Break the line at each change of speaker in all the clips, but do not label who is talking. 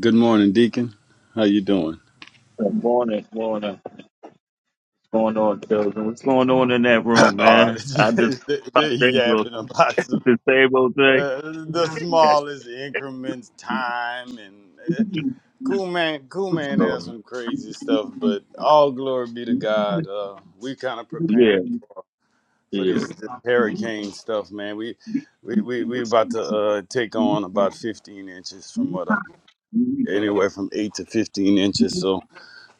Good morning, Deacon. How you doing?
Good morning, morning. What's going on, children? What's going on in that room,
Oh,
man? I just popped
they're
in to
yapping about some,
to say old thing.
uh, the smallest increments, time, and uh, Cool Man. Cool Man
So,
has some crazy stuff, but all glory be to God. Uh, we kind of
yeah,
preparing for
yeah.
this, this hurricane stuff, man. We we we we about to uh, take on about 15 inches from what I'm anywhere from eight to 15 inches. So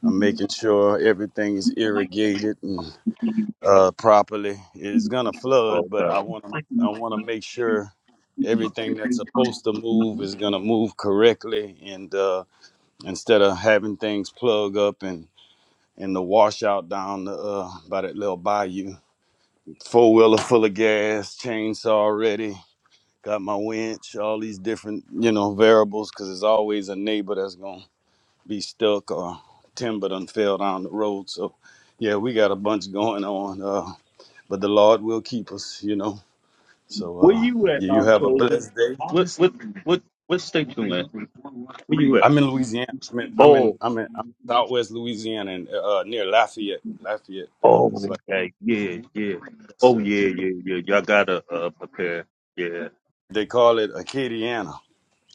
I'm making sure everything is irrigated uh, properly. It's gonna flood, but I want to I
Okay.
want to make sure everything that's supposed to move is gonna move correctly, and uh, instead of having things plug up and and the washout down the uh, by that little bayou, four wheeler full of gas, chainsaw ready. Got my winch, all these different, you know, variables, because there's always a neighbor that's gonna be stuck or timber done fell down the road. So, yeah, we got a bunch going on. Uh, but the Lord will keep us, you know. So
Where
uh,
you
you
at,
you
um,
have a
children?
blessed day.
What, what, what, what state you in? Where you
I'm in Louisiana. I'm in I'm in
at?
I'm in, I'm in Southwest Louisiana and uh, uh, near Lafayette. Lafayette. Uh,
Oh,
it's like
okay. Yeah, yeah.
yes,
Oh,
sir.
yeah, yeah, yeah. Y'all gotta uh, prepare. Yeah,
They call it Acadiana.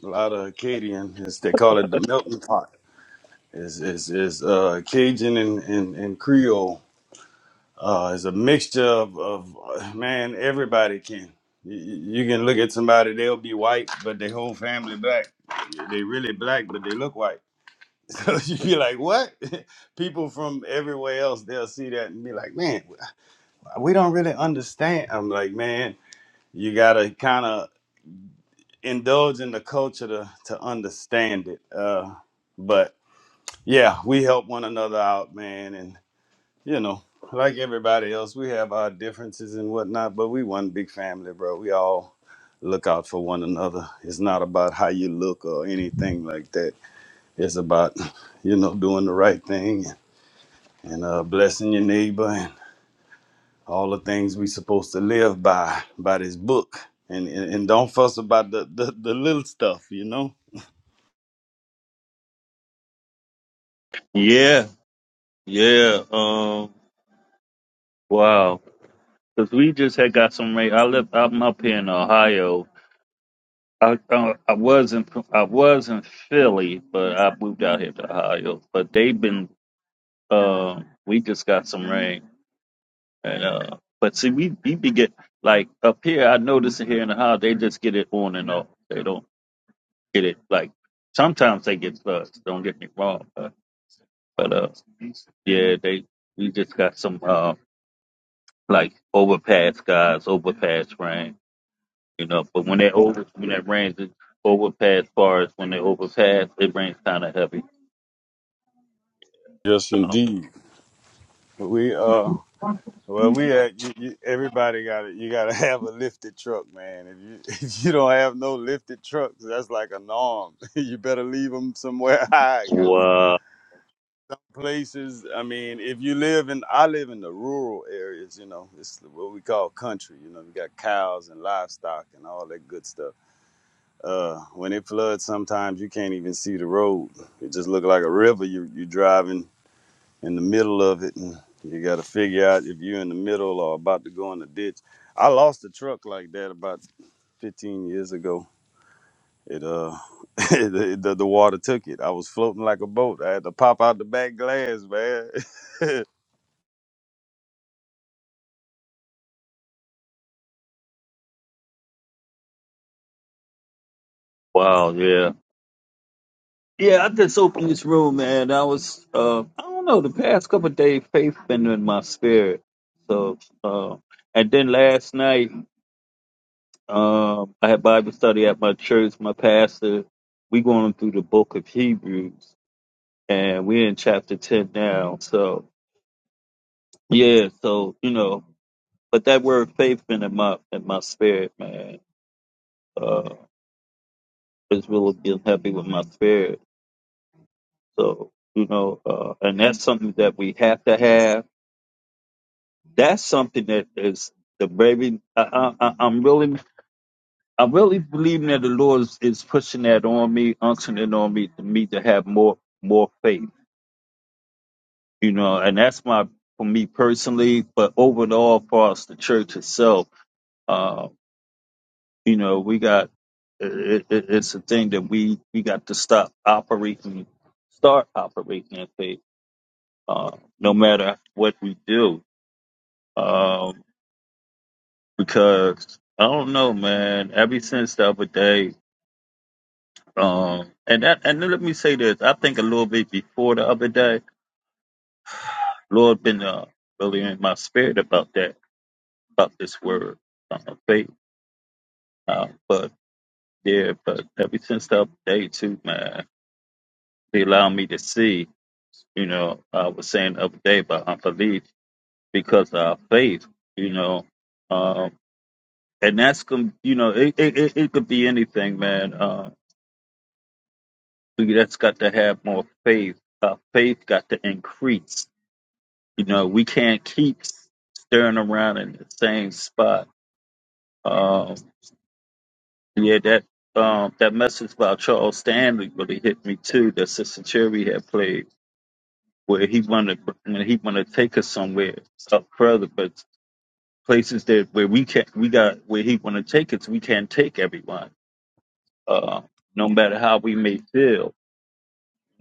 A lot of Acadian. It's, they call it the melting pot. Is is is uh, Cajun and, and, and Creole. Uh, it's a mixture of, of uh, man. Everybody can. You, you you can look at somebody; they'll be white, but their whole family black. They really black, but they look white So you'd be like, what? People from everywhere else, they'll see that and be like, man, we don't really understand. I'm like, man, you gotta kind of indulge in the culture to, to understand it. Uh, but yeah, we help one another out, man. And, you know, like everybody else, we have our differences and whatnot, but we one big family, bro. We all look out for one another. It's not about how you look or anything like that. It's about, you know, doing the right thing and uh, blessing your neighbor and all the things we supposed to live by by this book and and, and don't fuss about the, the the little stuff you know
yeah, yeah. Um, wow. Cause we just had got some rain. I live. I'm up here in Ohio. I uh, I was in I was in Philly, but I moved out here to Ohio. But they've been. Um, we just got some rain, and uh, but see, we we be get like up here. I notice here in Ohio, they just get it on and off. They don't. get it like sometimes they get slugs. Don't get me wrong, but, but uh, yeah, they we just got some uh like overpass guys, overpass rain, you know. But when they over when that rains, it overpass bars. When they overpass, it rains kind of heavy.
yes
So
indeed we uh well we at, you, you, everybody got it you gotta have a lifted truck man if you if you don't have no lifted trucks that's like a norm you better leave them somewhere high because
wow,
places i mean if you live in i live in the rural areas you know it's what we call country you know we got cows and livestock and all that good stuff Uh, when it floods, sometimes you can't even see the road. It just look like a river. You you driving in the middle of it, and you got to figure out if you're in the middle or about to go in the ditch. I lost a truck like that about 15 years ago. It uh, it, it- the, the water took it. I was floating like a boat. I had to pop out the back glass, man.
wow, yeah. Yeah, I just opened this room, man. I was, uh, I don't know, the past couple of days, faith been in my spirit. So, uh, and then last night. Um, I had Bible study at my church. My pastor, we going through the book of Hebrews, and we're in chapter ten now. So yeah, so you know, but that word faith been in my in my spirit, man. Uh, it's really been happy with my spirit. So you know, uh, and that's something that we have to have. That's something that is the baby. I, I, I- I'm really i really believe that the Lord is, is pushing that on me, unctioning it on me to me to have more more faith. You know, and that's my for me personally, but overall for us, the church itself, uh, you know, we got it, it, it's a thing that we we got to stop operating, start operating in faith, uh, no matter what we do, um, because I don't know, man. Ever since the other day. Um, and that, and let me say this. I think a little bit before the other day, Lord been uh, really in my spirit about that, about this word uh, faith. Uh, but yeah, but ever since the other day too, man, He allowed me to see. You know, I was saying the other day about unbelief because of our faith. You know, um, and that's gonna, you know, it, it it it could be anything, man. Uh, we that's got to have more faith. Our faith got to increase You know, we can't keep staring around in the same spot. Um, yeah, that um, that message about Charles Stanley really hit me too. That Sister Cherry had played, where he wanted when he wanted to take us somewhere up further, but places that where we can't, we got where he want to take us, we can't take everyone. Uh, no matter how we may feel,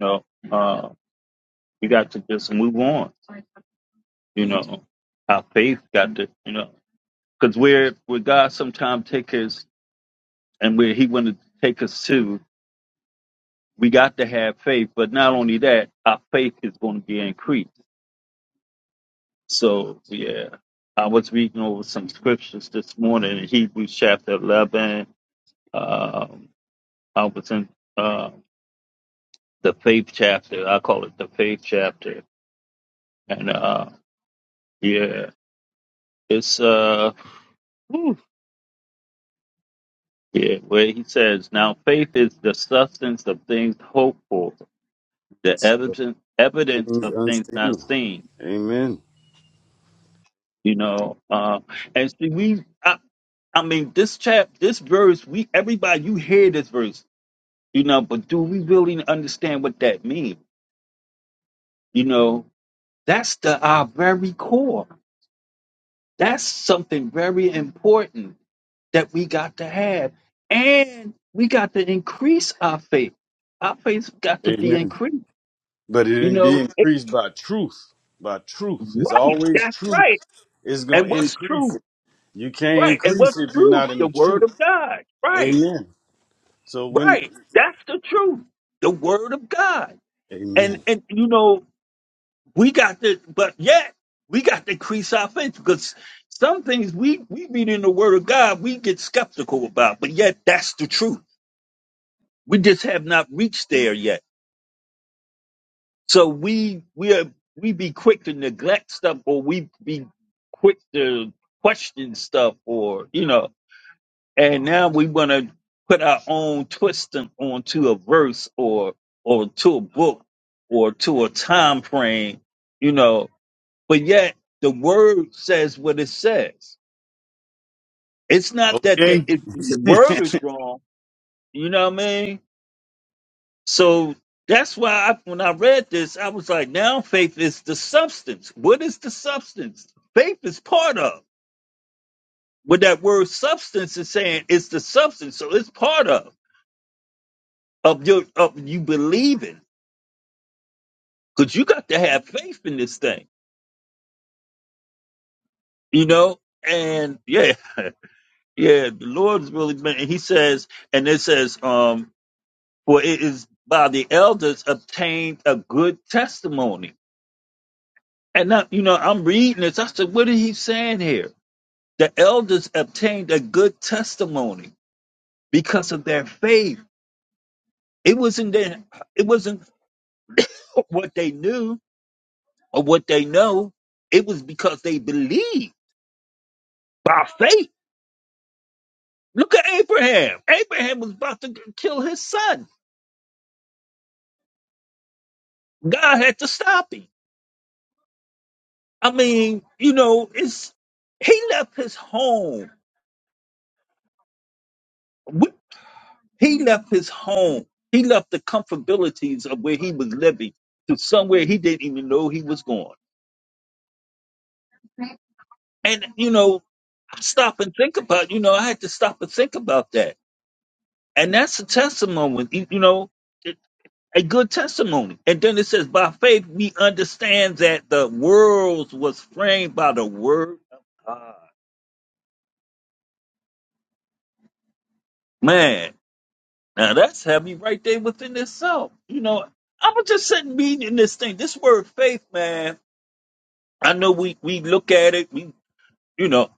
you know, uh, we got to just move on. You know, our faith got to, you know. because where where God sometimes take us and where He want to take us to, we got to have faith. But not only that, our faith is going to be increased. So yeah, I was reading over some scriptures this morning in Hebrews chapter eleven. Um, I was in uh, the faith chapter. I call it the faith chapter, and uh, yeah, it's uh, whew, yeah, where he says, "Now faith is the substance of things hoped for." the
It's, uh,
evidence evidence
things
of things not
unseen.
seen.
Amen.
You know, uh, and see, we, I, I mean, this chap, this verse, we, everybody, you hear this verse, you know, but do we really understand what that means? You know, that's the our very core. That's something very important that we got to have, and we got to increase our faith. Our faith's got to be
Amen.
increased.
But it
You
didn't be
know, it,
increased by truth. By truth. It's
right?
always
That's
truth.
right.
It's gonna
And what's
increase.
true?
You can't
Right. And
increase
what's
if you're
truth?
not in
The
the
word
truth.
of God. Right.
Amen. So when
Right. That's the truth. The word of God. And
Amen.
and you know, we got to but yet we got to increase our faith because some things we, we read in the word of God we get skeptical about, but yet that's the truth. We just have not reached there yet. So we we are we be quick to neglect stuff or we be quick to question stuff or you know and now we want to put our own twist on- onto a verse or or to a book or to a time frame, you know. But yet the word says what it says. It's not that the
Okay.
it, the word is wrong, you know what I mean? So that's why I, when I read this, I was like, now faith is the substance. What is the substance? Faith is part of. What that word substance is saying, it's the substance. So it's part of. of your of you believing because you got to have faith in this thing you know and yeah yeah the lord's really been and he says and it says um for it is by the elders obtained a good testimony and now you know i'm reading this i said what is he saying here the elders obtained a good testimony because of their faith it wasn't their, it wasn't what they knew or what they know it was because they believed by faith Look at Abraham. Abraham was about to kill his son. God had to stop him. I mean, you know, it's he left his home. We- He left his home. He left the comfortabilities of where he was living to somewhere he didn't even know he was going. And you know, I stop and think about. You know, I had to stop and think about that. And that's a testimony. You you know, a good testimony. And then it says, by faith, we understand that the world was framed by the word of God. Man, now that's heavy right there within itself. You know, I was just sitting reading this thing. This word faith, man, I know we, we look at it, we, you know,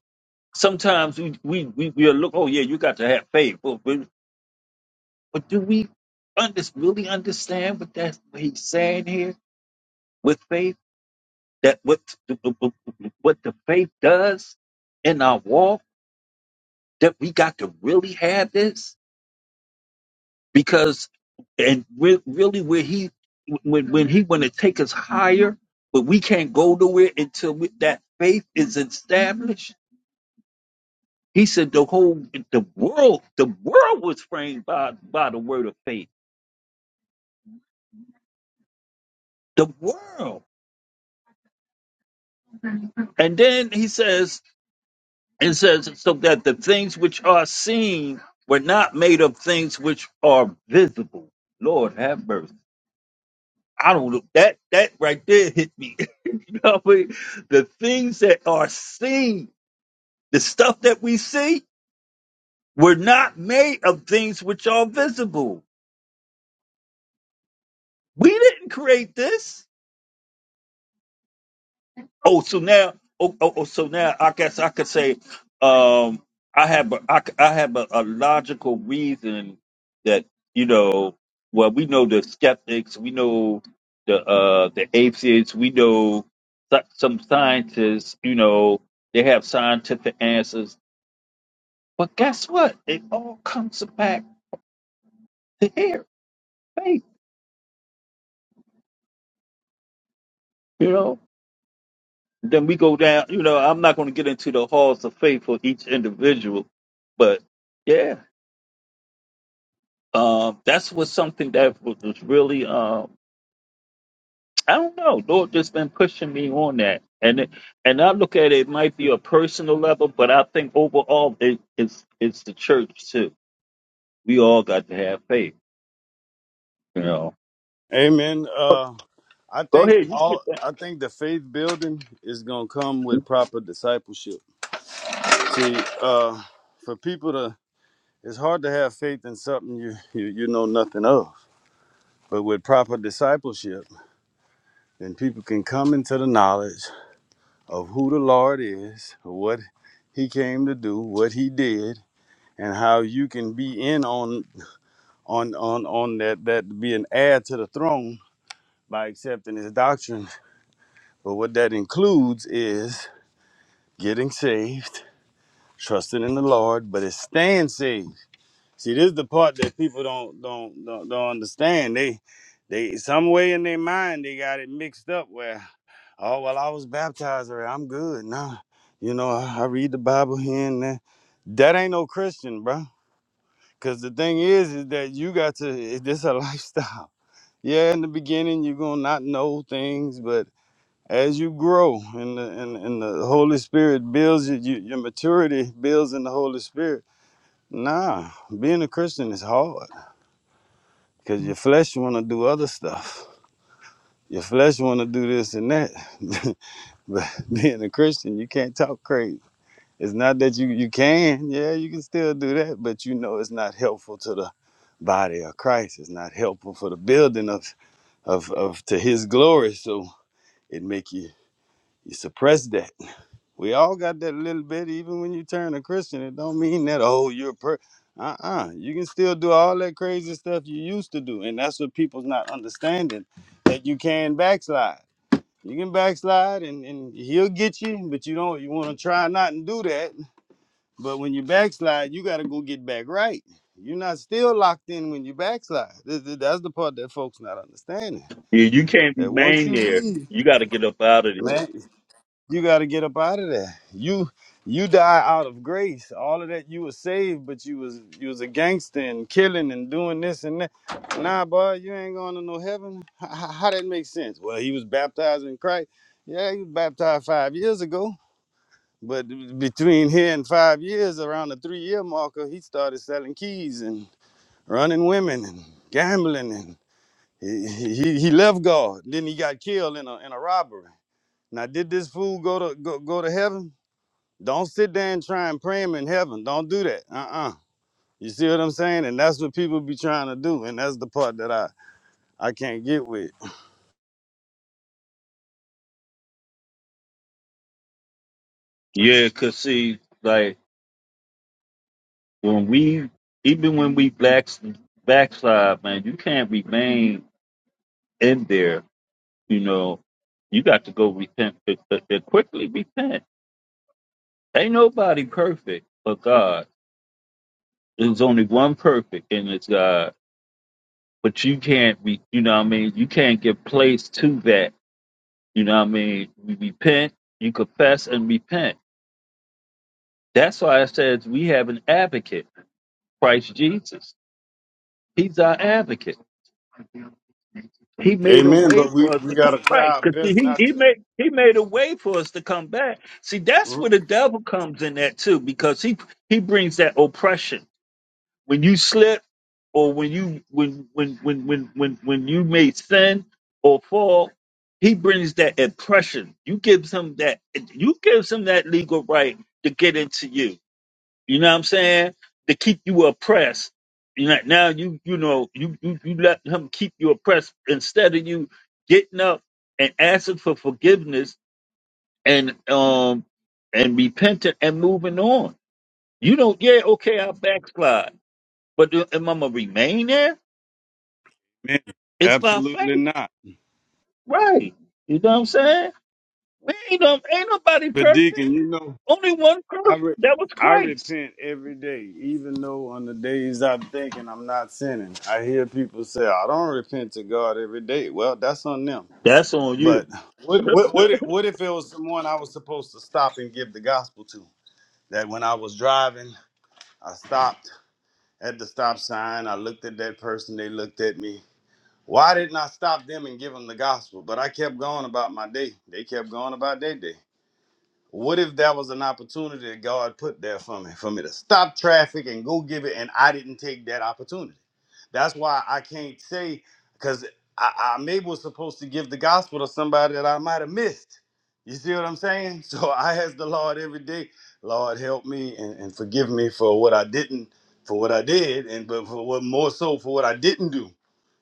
sometimes we, we, we, we look, oh yeah, you got to have faith. But, but, but do we under, really understand what that what he's saying here with faith? that what the, what the faith does in our walk that we got to really have this because and re- really where he when when he want to take us higher but we can't go nowhere until we, that faith is established he said the whole the world the world was framed by by the word of faith the world and then he says It says, so that the things which are seen were not made of things which are visible. Lord have mercy. I don't know. That, that right there hit me. you know what I mean? The things that are seen, the stuff that we see, were not made of things which are visible. We didn't create this. Oh, so now, oh, oh, oh, so now I guess I could say, um, I have a, I, c- I have a, a logical reason that you know, well, we know the skeptics, we know the uh the atheists, we know so- some scientists, you know, they have scientific answers, but guess what? It all comes back to here, faith, you know. Then we go down, you know. I'm not going to get into the halls of faith for each individual, but. yeah. Uh, that's was something that was, was really uh, I don't know. Lord just been pushing me on that, and it, and I look at it, it might be a personal level, but I think overall it, it's it's the church too. We all got to have faith, you know.
Amen. Uh I
Go
think
ahead, you
all
get that.
I think the faith building is gonna come with proper discipleship. See, uh for people to it's hard to have faith in something you, you, you know nothing of. But with proper discipleship, then people can come into the knowledge of who the Lord is, what he came to do, what he did, and how you can be in on on on on that that be an heir to the throne by accepting his doctrine. But what that includes is getting saved, trusting in the Lord, but it's staying saved. See, this is the part that people don't don't don't, don't understand. They they some way in their mind they got it mixed up where oh well I was baptized or I'm good. Nah. You know, I, I read the Bible here and there. That ain't no Christian, bro. Cause the thing is, is that you got to. This a lifestyle. yeah, in the beginning you're gonna not know things, but as you grow and the and, and the Holy Spirit builds you, you, your maturity builds in the Holy Spirit. Nah, being a Christian is hard because your flesh wanna do other stuff. Your flesh wanna do this and that. but being a Christian, you can't talk crazy. It's not that you you can, yeah, you can still do that, but you know it's not helpful to the body of Christ. It's not helpful for the building of of, of to his glory. So it make you You suppress that. We all got that little bit. Even when you turn a Christian, it don't mean that oh you're a per. Uh uh You can still do all that crazy stuff you used to do, and that's what people's not understanding that you can backslide. You can backslide, and and he'll get you, but you don't. You want to try not and do that. But when you backslide, you got to go get back right. You're not still locked in when you backslide. Th- th- That's the part that folks not understanding.
Yeah, you can't
That once
remain
you
there.
leave,
You got to get up out of there.
man. You got to get up out of there. You you die out of grace. All of that you was saved, but you was you was a gangster and killing and doing this and that. Nah, boy, you ain't going to no heaven. How, how how that make sense? Well, he was baptized in Christ. Yeah, he was baptized five years ago. But between here and five years, around the three year marker, he started selling keys and running women and gambling and he, he, he left God. Then he got killed in a in a robbery. Now did this fool go to go, go to heaven? Don't sit there and try and pray him in heaven. Don't do that. Uh-uh. You see what I'm saying? And that's what people be trying to do. And that's the part that I, I can't get with.
Yeah, cause see, like when we, even when we blacks backslide, man, you can't remain in there You know, you got to go repent uh, uh, uh, quickly. Repent. Ain't nobody perfect but God. There's only one perfect, and it's God. But you can't be. You know what I mean? You can't give place to that. You know what I mean? You repent. You confess and repent. That's why it says we have an advocate, Christ Jesus. He's our advocate. He made a
Amen.
way
But we,
for us
we
to
got
come
to try
right.
our
Cause see,
best
he,
not
he made he made a way for us to come back. See, that's
to.
where the devil comes in at too, because he he brings that oppression. When you slip or when you when when when when when, when you made sin or fall, he brings that oppression. You gives him that you gives him that legal right to get into you. You know what I'm saying? To keep you oppressed. You know, now you you know you you, you let him keep you oppressed instead of you getting up and asking for forgiveness and um and repenting and moving on. You don't, yeah, okay, I backslide, but do- am I gonna remain there?
Man,
It's my faith,
absolutely not.
right? You know what I'm saying? Man, ain't, no, ain't nobody
But
perfect.
Deacon, you know,
Only one
I,
perfect.
re-
That was
I
Christ.
repent every day, even though on the days I'm thinking I'm not sinning. I hear people say, I don't repent to God every day. Well, that's on them.
That's on you.
But what, what, what, if, what if it was someone I was supposed to stop and give the gospel to? that when I was driving, I stopped at the stop sign. I looked at that person, they looked at me. Why didn't I stop them and give them the gospel? But I kept going about my day. They kept going about their day. What if that was an opportunity that God put there for me, for me to stop traffic and go give it, and I didn't take that opportunity? That's why I can't say, because I, I maybe was supposed to give the gospel to somebody that I might have missed. You see what I'm saying? So I ask the Lord every day, Lord, help me and, and forgive me for what I didn't, for what I did, and but for what more so for what I didn't do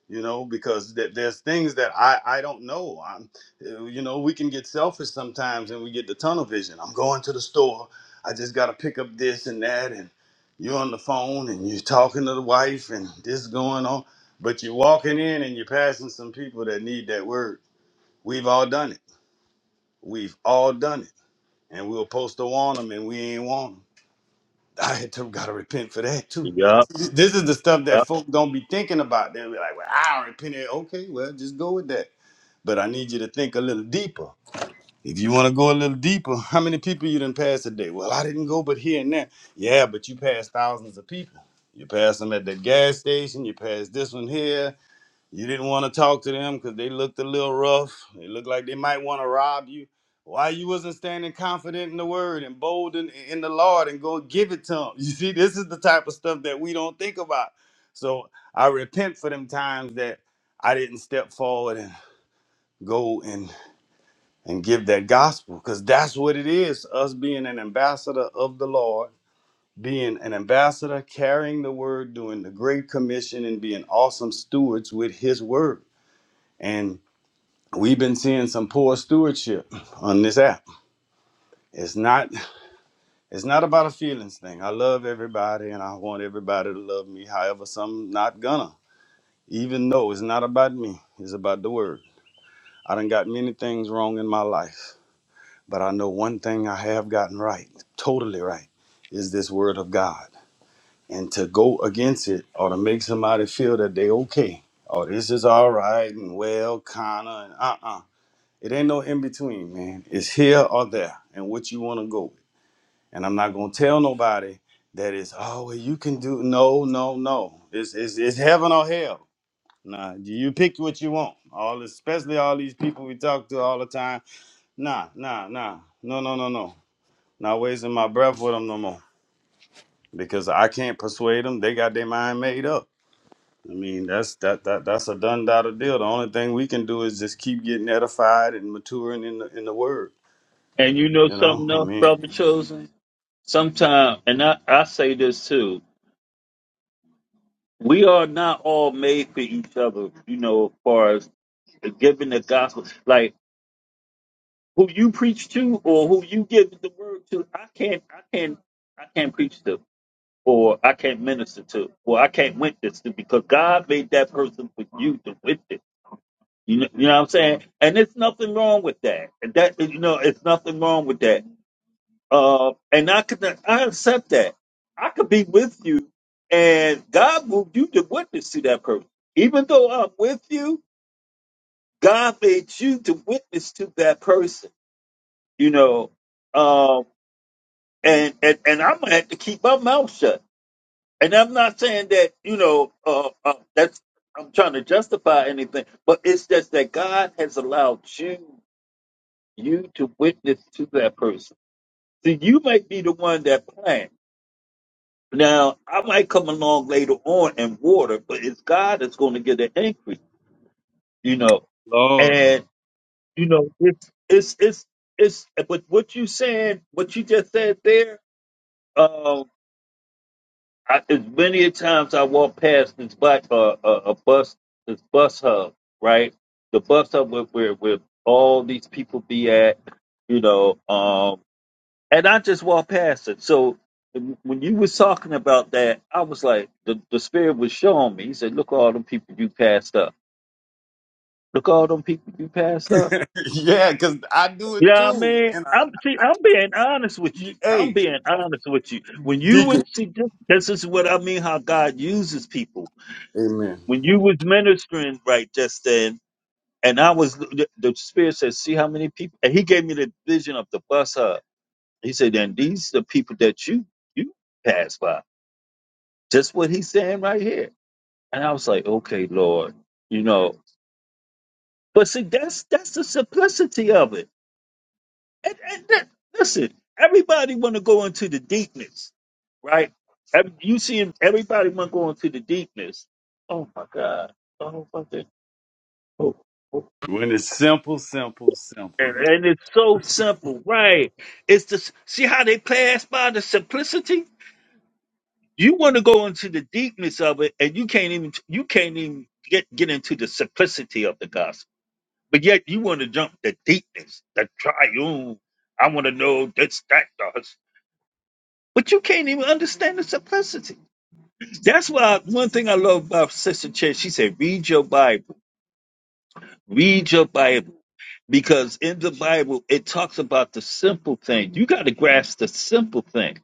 you know because th- there's things that i i don't know i'm uh, you know we can get selfish sometimes and we get the tunnel vision i'm going to the store i just got to pick up this and that and you're on the phone and you're talking to the wife and this is going on but you're walking in and you're passing some people that need that word we've all done it we've all done it and we were supposed to warn them and we ain't warn them i had to gotta repent for that too
yup.
this is the stuff that folk don't be thinking about. They'll be like, "Well, I don't repent." Okay, well, just go with that but I need you to think a little deeper. If you want to go a little deeper, how many people you didn't pass today? Well, I didn't go, but here and there. Yeah, but you passed thousands of people. You passed them at that gas station. You passed this one here. You didn't want to talk to them because they looked a little rough. They looked like they might want to rob you. Why you wasn't standing confident in the word and bold in, in the Lord and go give it to them? You see, this is the type of stuff that we don't think about. So I repent for them times that I didn't step forward and go and and give that gospel because that's what it is us being an ambassador of the Lord, being an ambassador, carrying the word, doing the great commission, and being awesome stewards with his word. And we've been seeing some poor stewardship on this app. It's not it's not about a feelings thing. I love everybody and I want everybody to love me. However, some not gonna. Even though it's not about me, it's about the word. I done got many things wrong in my life But I know one thing I have gotten right, totally right, is this word of God. And to go against it or to make somebody feel that they okay, oh this is all right and well, kinda, and uh uh. It ain't no in between, man. It's here or there and what you wanna go with. And I'm not gonna tell nobody that it's, oh, well, you can do, no, no, no. It's, it's, it's heaven or hell. Nah, you pick what you want. All especially all these people we talk to all the time. Nah, nah, nah. No, no, no, no. Not wasting my breath with them no more because I can't persuade them. They got their mind made up. I mean, that's that that that's a done data deal. The only thing we can do is just keep getting edified and maturing in the in the word.
And you know
You know,
something
I
else,
mean,
brother chosen? Sometimes, and I, I say this too, we are not all made for each other, you know, as far as giving the gospel. Like who you preach to or who you give the word to, I can't I can't I can't preach to or I can't minister to or I can't witness to because God made that person for you to witness. You know, you know what I'm saying? And it's nothing wrong with that. And That you know, it's nothing wrong with that Uh, and I could not, I accept that. I could be with you, and God moved you to witness to that person. Even though I'm with you, God made you to witness to that person. You know, um, and and and I'm gonna have to keep my mouth shut. And I'm not saying that you know uh, uh, that's I'm trying to justify anything, but it's just that God has allowed you you to witness to that person. See, you might be the one that planned. Now, I might come along later on and water, but it's God that's going to get the increase, you know.
Lord,
And you know, it's it's it's it's. But what you saying, what you just said there, um, I, as many a times I walk past this bus, uh, a, a bus, this bus hub, right? The bus hub where where, where all these people be at, you know. Um, and I just walked past it. So when you was talking about that, I was like, the, the spirit was showing me. He said, "Look, all them people you passed up. Look, all them people you passed up."
yeah, because I do it
Yeah, I
too.
mean,
And I,
I'm see, I'm being honest with you. I'm
hey,
being honest with you. When you
deacon,
would see, this this is what I mean. How God uses people.
amen.
When you was ministering right just then, and I was the, the spirit said, "See how many people," and he gave me the vision of the bus hub. He said, "And these the people that you you passed by." Just what he's saying right here. And I was like, okay, Lord, you know. But see, that's that's the simplicity of it. And, and that, listen, everybody want to go into the deepness, right? Ev- You see, everybody want to go into the deepness. Oh my God! Oh fucking! Oh, oh.
When it's simple, simple, simple.
And, and it's so simple, right? It's just see how they pass by the simplicity. You want to go into the deepness of it, and you can't even you can't even get get into the simplicity of the gospel But yet you want to jump the deepness, the triune. I want to know this, that, does. But you can't even understand the simplicity. That's why one thing I love about Sister Chen, she said, read your Bible. Read your Bible. Because in the Bible, it talks about the simple thing. You got to grasp the simple things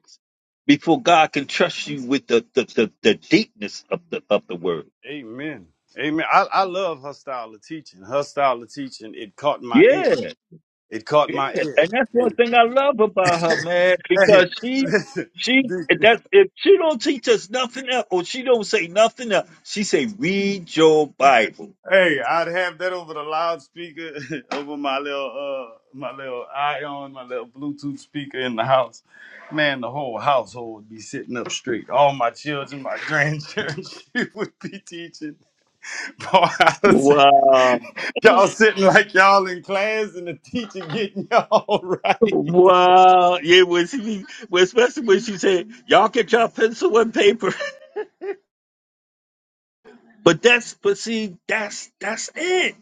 before God can trust you with the, the, the, the deepness of the of the word.
Amen. Amen. I, I love her style of teaching. Her style of teaching, it caught my ear.
Yeah.
It caught
Yeah,
my ear.
and that's one thing I love about her,
hey,
man, because she
listen,
she
dude.
that's if she don't teach us nothing else or she don't say nothing else, she say read your Bible.
Hey, I'd have that over the loudspeaker, over my little uh my little ion, my little Bluetooth speaker in the house. Man, the whole household would be sitting up straight. All my children, my grandchildren, she would be teaching. Boy, I was-
Wow.
y'all sitting like y'all in class and the teacher getting y'all right.
Wow. Yeah, when she, when, especially when she said, Y'all get y'all pencil and paper. But that's but see, that's that's it.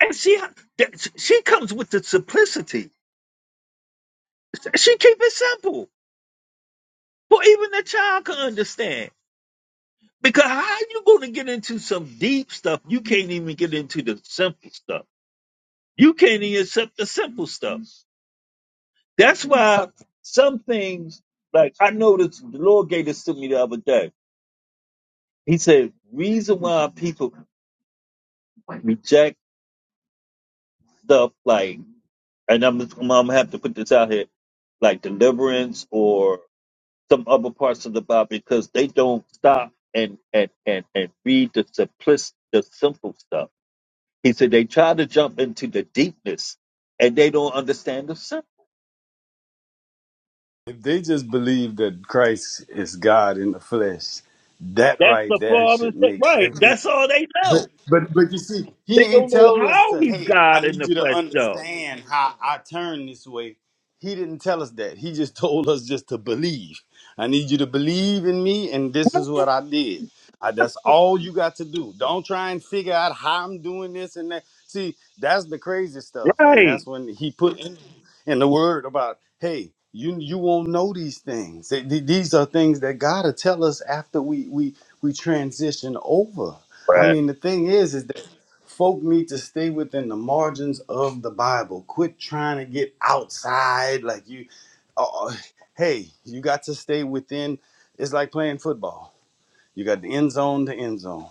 And she that, she comes with the simplicity. She keep it simple. For even the child can understand. Because how you going to get into some deep stuff? You can't even get into the simple stuff. You can't even accept the simple stuff. That's why some things, like I noticed, the Lord gave this to me the other day. He said, reason why people reject stuff like, and I'm, I'm gonna have to put this out here, like deliverance or some other parts of the Bible because they don't stop and and and and read the simplis the simple stuff He said they try to jump into the deepness and they don't understand the simple.
If they just believe that Christ is God in the flesh, that
That's
right
the
there
father's
should
thing.
make
right.
every
That's all they
But
know.
but but you see, he
They
ain't
don't know
tell us
how
to.
he's
Hey,
God
I
in
need
the
you to
flesh, though.
understand how I turn this way. He didn't tell us that. He just told us just to believe. I need you to believe in me, and this is what I did. I, that's all you got to do. Don't try and figure out how I'm doing this and that. See, that's the crazy stuff, and that's
Right.
when he put in, in the word about, hey, you you won't know these things. Th- th- These are things that God will tell us after we we we transition over I
Right.
mean, the thing is, is that folk need to stay within the margins of the Bible. Quit trying to get outside. Like you, uh, uh, hey, you got to stay within. It's like playing football. You got the end zone, the end zone.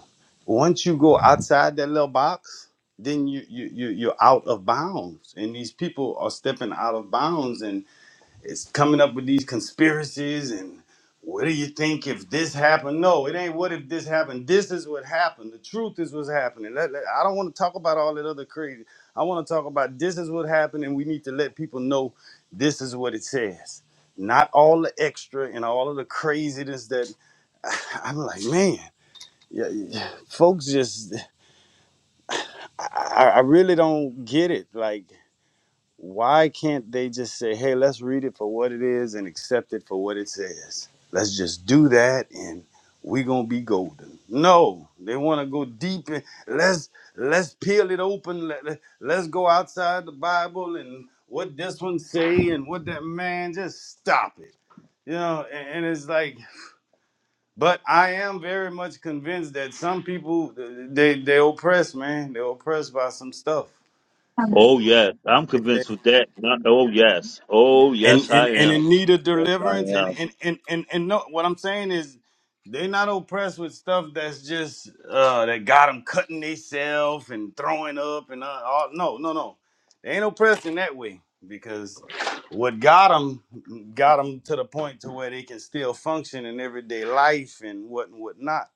Once you go outside that little box, then you you, you you're out of bounds, and these people are stepping out of bounds, it's coming up with these conspiracies and what do you think if this happened? No, it ain't what if this happened. This is what happened. The truth is what's happening. Let- let- I don't want to talk about all that other crazy. I want to talk about this is what happened and we need to let people know this is what it says. Not all the extra and all of the craziness that I'm like, man, yeah, yeah, folks just, I, I I really don't get it. Like, why can't they just say, hey, let's read it for what it is and accept it for what it says? Let's just do that and we're gonna be golden. No, they wanna go deep in let's let's peel it open. Let, let, let's go outside the Bible and what this one say and what that man just stop it. You know, and, and it's like, but I am very much convinced that some people they they oppressed, man. They're oppressed by some stuff. and,
Oh yes, I'm
and they
convinced with that. Not, oh yes. Oh
and
yes,
and,
I
and
am.
in need of
Yes, I
deliverance and
am.
and and and, and no, what i'm saying is they're not oppressed with stuff that's just uh that got them cutting themselves and throwing up and uh, all no no no they ain't oppressed in that way because what got them got them to the point to where they can still function in everyday life and what and what not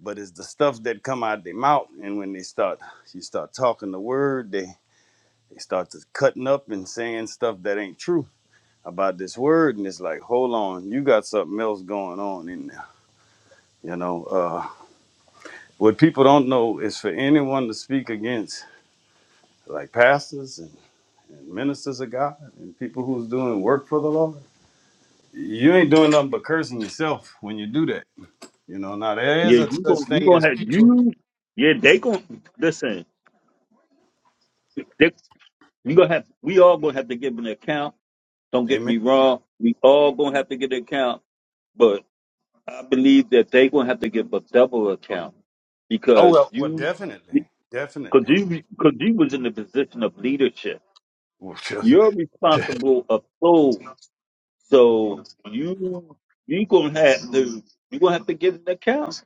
but it's the stuff that come out their mouth and when they start you start talking the word they they start to cutting up and saying stuff that ain't true about this word and it's like hold on you got something else going on in there you know uh what people don't know is for anyone to speak against like pastors and, and ministers of god and people who's doing work for the lord you ain't doing nothing but cursing yourself when you do that you know now there is
Yeah,
a
you
such
going you
thing as
gonna have
people
you. Yeah, they gonna listen. They, you gonna have. We all gonna have to give an account. Don't get
amen
me wrong. We all gonna have to get an account. but. I believe that they gonna have to give a double account
oh
because
well well
you,
definitely definitely
because you, because you was in the position of leadership.
Well,
You're responsible of souls, so you you gonna have to you gonna have to give an account.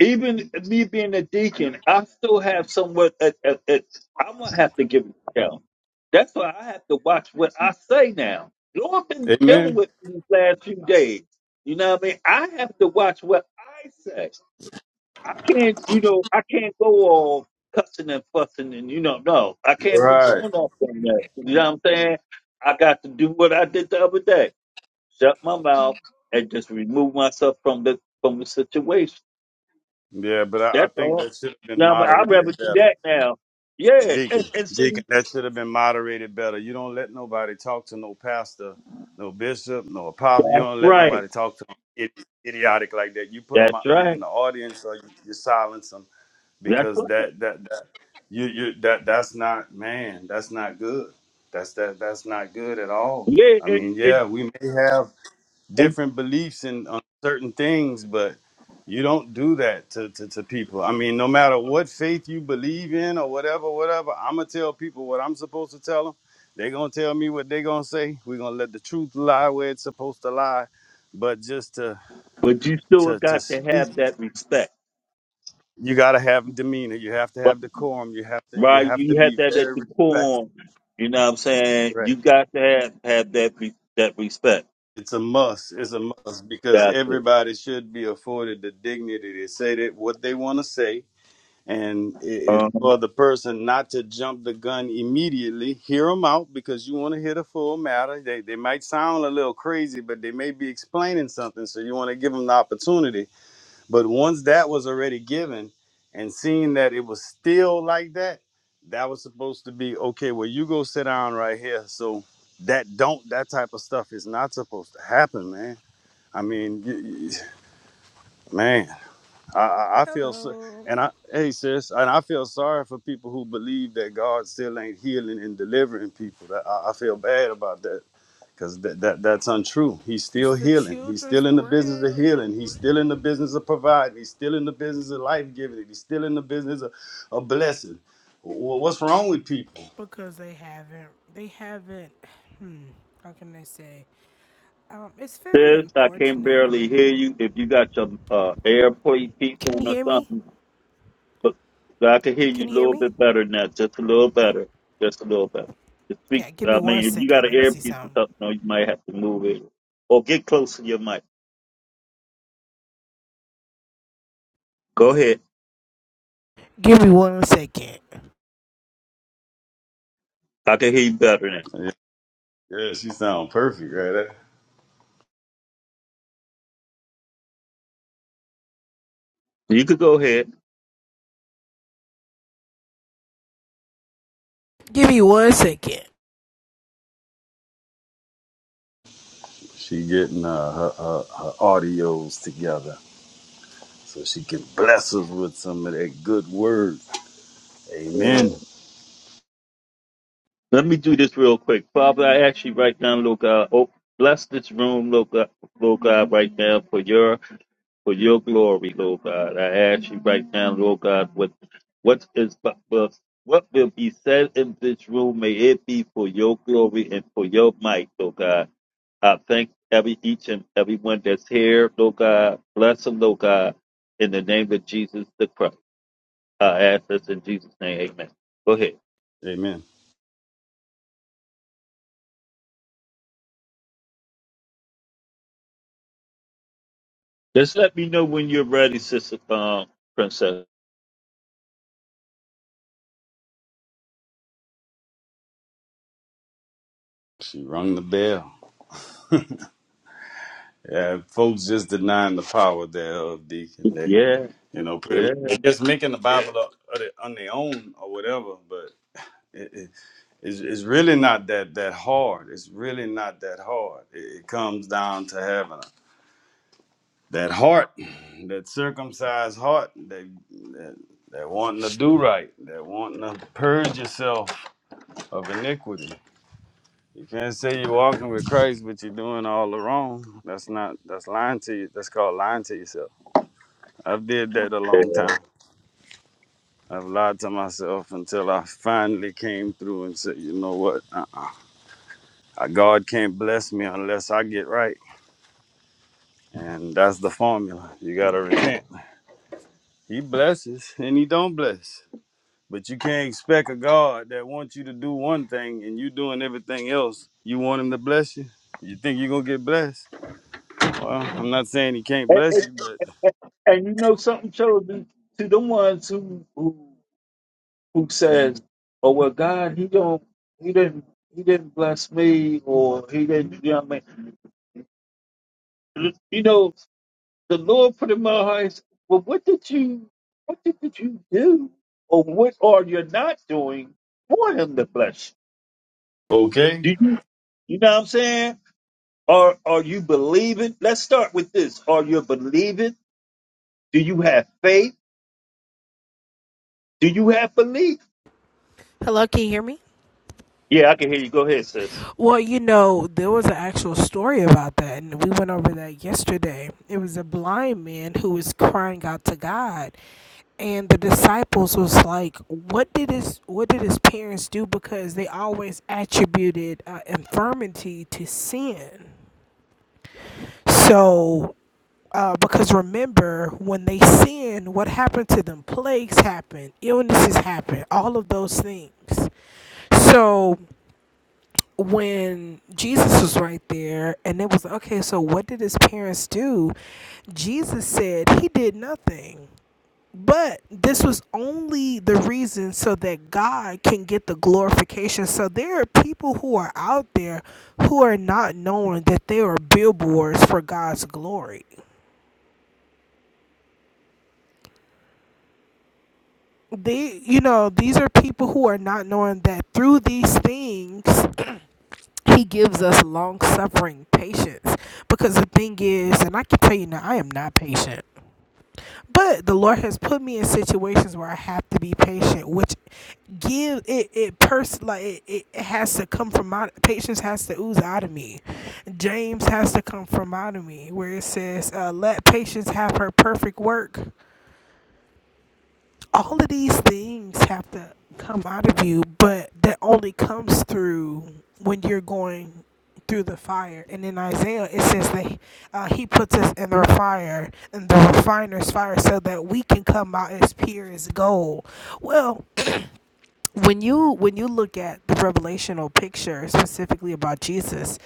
Even me being a deacon, I still have somewhat. At, at, at, I'm gonna have to give an account. That's why I have to watch what I say now. Lord been dealing
amen
with me these last few days. You know what I mean? I have to watch what I say I can't, you know, I can't go all cussing and fussing and you know, no, I can't be
right
going off on that. You know what I'm saying? I got to do what I did the other day: shut my mouth and just remove myself from the from the situation.
yeah but i, I
That's
think
all.
that should have been
You know, what I mean? I'd rather
moderated
do
better
that now. Yeah,
Deacon,
and, and see,
Deacon, that should have been moderated better. You don't let nobody talk to no pastor, no bishop, no apostle. You don't let
right?
nobody talk to them idi- idiotic like that. You put
That's
them in
right.
the audience or you, you silence them
That's
because
right.
that that that you you that that's not man. That's not good. That's that that's not good at all.
Yeah,
I mean,
and, and,
yeah, we may have
and
different beliefs and on certain things, but you don't do that to, to, to people. I mean, no matter what faith you believe in or whatever, whatever, I'm gonna tell people what I'm supposed to tell them. They're gonna tell me what they're gonna say. We're gonna let the truth lie where it's supposed to lie. But just to
but you still
to to
got to
speak,
have that respect.
you gotta have demeanor. You have to have decorum. You have to you
Right,
have to
you
be
had that at
very
that
respectful.
decorum. You know what I'm saying? You got to have, have that re- that respect.
It's a must. It's a must because
Got it.
everybody should be afforded the dignity to say that what they want to say and it- it's
Um,
for the person not to jump the gun immediately. Hear them out because you want to hear the full matter. They they might sound a little crazy, but they may be explaining something, so you want to give them the opportunity. But once that was already given, and seeing that it was still like that, that was supposed to be okay. Well, you go sit down right here. So that don't that type of stuff is not supposed to happen, man. I mean, y- y- man. I, I I feel so,
Hello.
and I hey sis, and I feel sorry for people who believe that God still ain't healing and delivering people. That I, I feel bad about that because that, that that's untrue. He's still
It's the
healing. He's
children's
still in the business of
bread
healing. He's still in the business of providing. He's still in the business of life giving. He's still in the business of, of blessing. Wha- What's wrong with people?
because they haven't. They haven't. Hmm. How can I say? Um. It's very
sis, I can
unfortunate.
barely hear you. If you got your uh, airplane piece
Can you
on or
hear me?
something, but but I can hear
Can
you a
you hear
little
me?
bit better now. Just a little better. Just a little better. Just speak.
Yeah. Give me
I
one
mean, if you got
second.
an
Let me see
earpiece or
something.
something, on, you might have to move it or get close to your mic. Go ahead.
Give me one second.
I can hear you better now.
Yeah, yeah, she sound perfect right there.
You could go ahead.
Give me one second.
She getting uh, her, her her audios together so she can bless us with some of that good word.
Yeah.
Amen.
Let me do this real quick. Father, I ask you right now, Lord God, oh, bless this room, Lord God, Lord God, right now for your for your glory, Lord God. I ask you right now, Lord God, what what is what will be said in this room, may it be for your glory and for your might, Lord God. I thank every each and everyone that's here, Lord God. Bless them, Lord God, in the name of Jesus the Christ. I ask this in Jesus' name, amen. Go ahead.
Amen.
Just let me know when you're ready, Sister um, Princess.
She rung the bell. Yeah, folks just denying the power thereof, Deacon. They,
Yeah,
you know, pretty much
yeah.
they're just making the Bible up on their on their own or whatever. But it, it, it's, it's really not that that hard. It's really not that hard. It, it comes down to having a, that heart, that circumcised heart, that, that that wanting to do right, that wanting to purge yourself of iniquity. You can't say you're walking with Christ, but you're doing all the wrong. That's not. That's lying to you. That's called lying to yourself. I've did that a
And,
long time. I've lied to myself until I finally came through and said, you know what? Uh-uh. Uh, God can't bless me unless I get right, and that's the formula. You gotta repent. He blesses and he don't bless, but you can't expect a God that wants you to do one thing and you doing everything else. You want him to bless you. You think you're gonna get blessed? Well, I'm not saying he can't
and,
bless you, but
and and you know something, children, to the ones who who who says, "Oh well, God, he don't, he didn't, he didn't bless me, or he didn't." You know what I mean? You know, the Lord put in my heart. Well, what did you, what did, did you do, or what are you not doing for Him to bless
Okay.
you? Do you, you know what I'm saying? Are are you believing? Let's start with this. Are you believing? Do you have faith? Do you have belief?
Hello. Can you hear me?
Yeah, I can hear you. Go ahead, sis.
Well, you know, there was an actual story about that, and we went over that yesterday. It was a blind man who was crying out to God, and the disciples was like, "What did his What did his parents do?" Because they always attributed uh, infirmity to sin. So, uh, because remember, when they sinned, what happened to them? Plagues happened, illnesses happened, all of those things. So when Jesus was right there and it was okay, so what did his parents do? Jesus said he did nothing. But this was only the reason so that God can get the glorification. So there are people who are out there who are not knowing that they are billboards for God's glory. They, you know, these are people who are not knowing that through these things He gives us long suffering patience. Because the thing is, and I can tell you now, I am not patient. But the Lord has put me in situations where I have to be patient, which give it it pers- like it, it has to come from out patience has to ooze out of me. James has to come from out of me, where it says, uh, "Let patience have her perfect work." all of these things have to come out of you, but that only comes through when you're going through the fire. And in Isaiah, it says that uh, he puts us in the fire, in the refiner's fire, so that we can come out as pure as gold. Well, when you when you look at the revelational picture specifically about Jesus,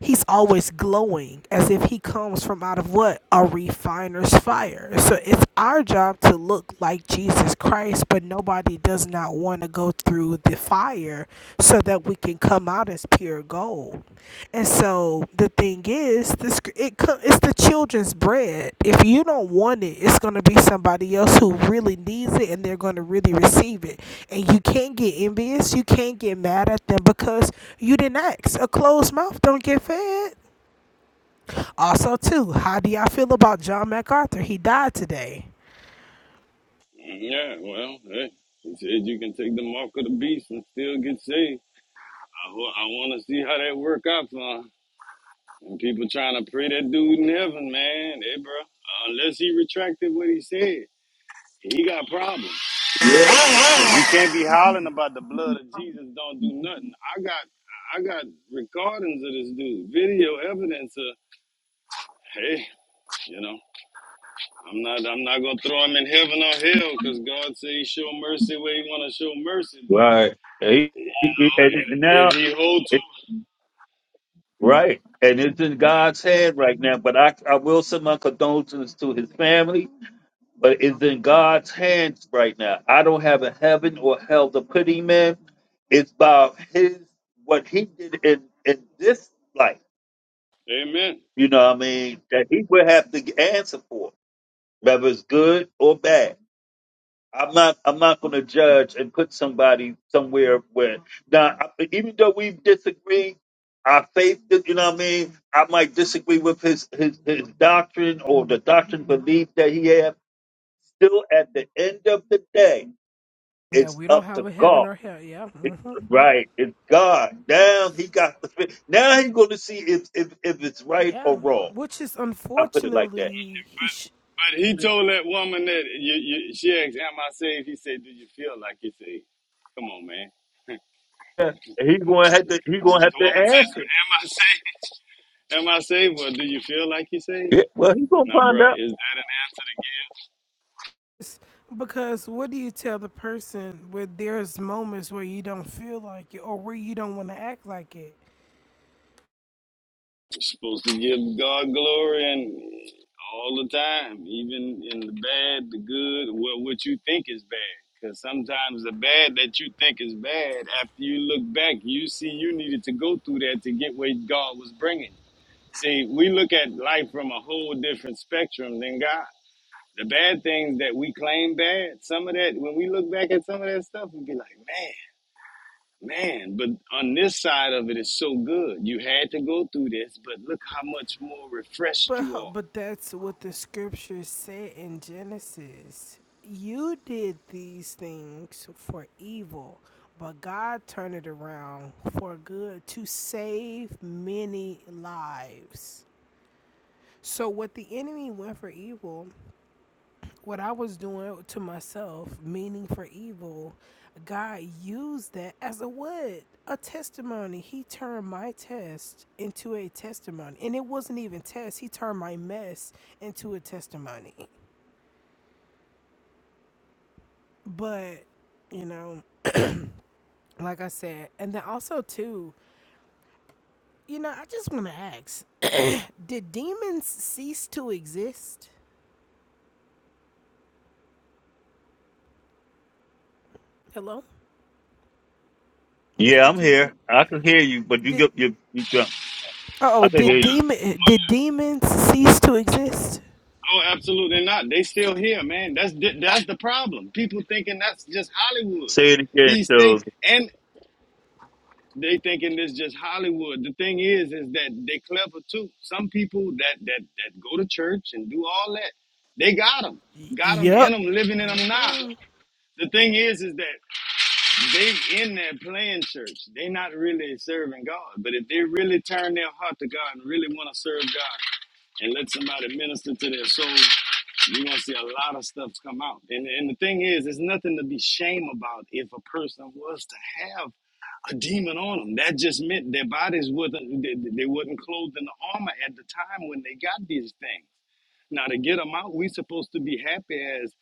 he's always glowing as if he comes from out of what a refiner's fire so it's our job to look like jesus christ but nobody does not want to go through the fire so that we can come out as pure gold and so the thing is, this it co- it's the children's bread. If you don't want it, it's gonna be somebody else who really needs it, and they're gonna really receive it. And you can't get envious. You can't get mad at them because you didn't ask. A closed mouth don't get fed. Also, too, how do y'all feel about John MacArthur? He died today.
Yeah, well, hey, he said you can take the mark of the beast and still get saved. I, wa- I want to see how that work out for him. And people trying to pray that dude in heaven, man. Hey, bro, unless he retracted what he said, he got problems.
Yeah.
You can't be hollering about the blood of Jesus don't do nothing. I got I got recordings of this dude, video evidence of, hey, you know, I'm not I'm not gonna throw him in heaven or hell because God said he show mercy where he wanna show mercy,
Right. And he- he- he-
Oh,
and
if
it- and
if
now,
he holds
it,
to,
right. And it's in God's hand right now. But I, I will send my condolences to his family. But it's in God's hands right now. I don't have a heaven or hell to put him in. It's about his what he did in in this life.
amen.
you know what I mean, that he would have to answer for, whether it's good or bad. I'm not I'm not gonna judge and put somebody somewhere where now I, even though we disagree, our faith you know what I mean, I might disagree with his, his his doctrine or the doctrine belief that he have. Still at the end of the day,
Yeah,
it's
we don't
up
have
to
a heaven
God.
or hell. Yeah,
It's
hmm
right, it's God. Now he got the now he's gonna see if if, if it's right
yeah.
or wrong.
Which is
I put it like that.
unfortunately he should.
But he told that woman that you, you, she asked, "Am I saved?" He said, "Do you feel like you're saved?" Come on, man.
He's gonna have to. He's gonna have
The
to
woman says,
answer.
"Am I saved? Am I saved, or do you feel like you're saved?"
Yeah, Well, he's gonna
Now,
find
bruh,
out.
is that an answer to give?
It's because what do you tell the person where there's moments where you don't feel like it or where you don't want to act like it?
It's supposed to give God glory and all the time, even in the bad, the good, what what you think is bad. Because sometimes the bad that you think is bad, after you look back, you see you needed to go through that to get where God was bringing you. See, we look at life from a whole different spectrum than God. The bad things that we claim bad, some of that, when we look back at some of that stuff, we be like, man. Man, but on this side of it is so good. You had to go through this, but look how much more refreshed
But
you
h-
are.
but that's what the scripture said in Genesis. You did these things for evil, but God turned it around for good to save many lives. So what the enemy went for evil, what I was doing to myself, meaning for evil, God used that as a what? A testimony. He turned my test into a testimony. And it wasn't even test. He turned my mess into a testimony. But, you know, like I said, and then also too, you know, I just want to ask, did demons cease to exist? Hello,
Yeah,
Mr.
I'm
Deacon.
here. I can hear you, but you
Did
get you you drunk.
oh,
I can
Oh
hear
did
yeah.
you.
demon did demons cease to exist?
Oh, absolutely not. They still here, man. That's th- that's the problem. People thinking that's just Hollywood.
Say it again,
These things,
Jules.
and they thinking this just Hollywood. The thing is, is that they clever too. Some people that that that go to church and do all that, they got them,
Y-
got them in
yep.
them, living in them now.
hmm
The thing is, is that they in there playing church. They not really serving God. But if they really turn their heart to God and really want to serve God and let somebody minister to their soul, you're gonna see a lot of stuff come out. And and the thing is, there's nothing to be shame about if a person was to have a demon on them. That just meant their bodies wasn't they, they wasn't clothed in the armor at the time when they got these things. Now to get them out, we supposed to be happy as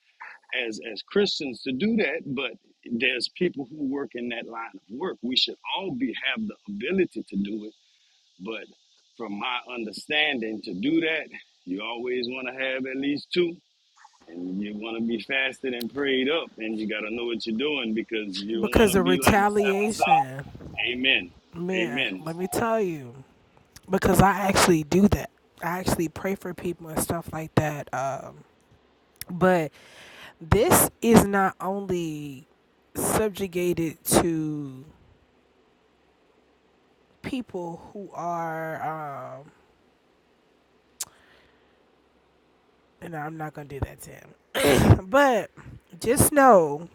as as Christians to do that, but there's people who work in that line of work. We should all be have the ability to do it, but from my understanding, to do that, you always want to have at least two, and you want to be fasted and prayed up, and you got to know what you're doing because you don't want
Because
to
of
be like the seven
retaliation.
sons. Amen.
Man,
Amen.
let me tell you. Because I actually do that. I actually pray for people and stuff like that. Um, but this is not only subjugated to people who are, um, and I'm not going to do that to him. But just know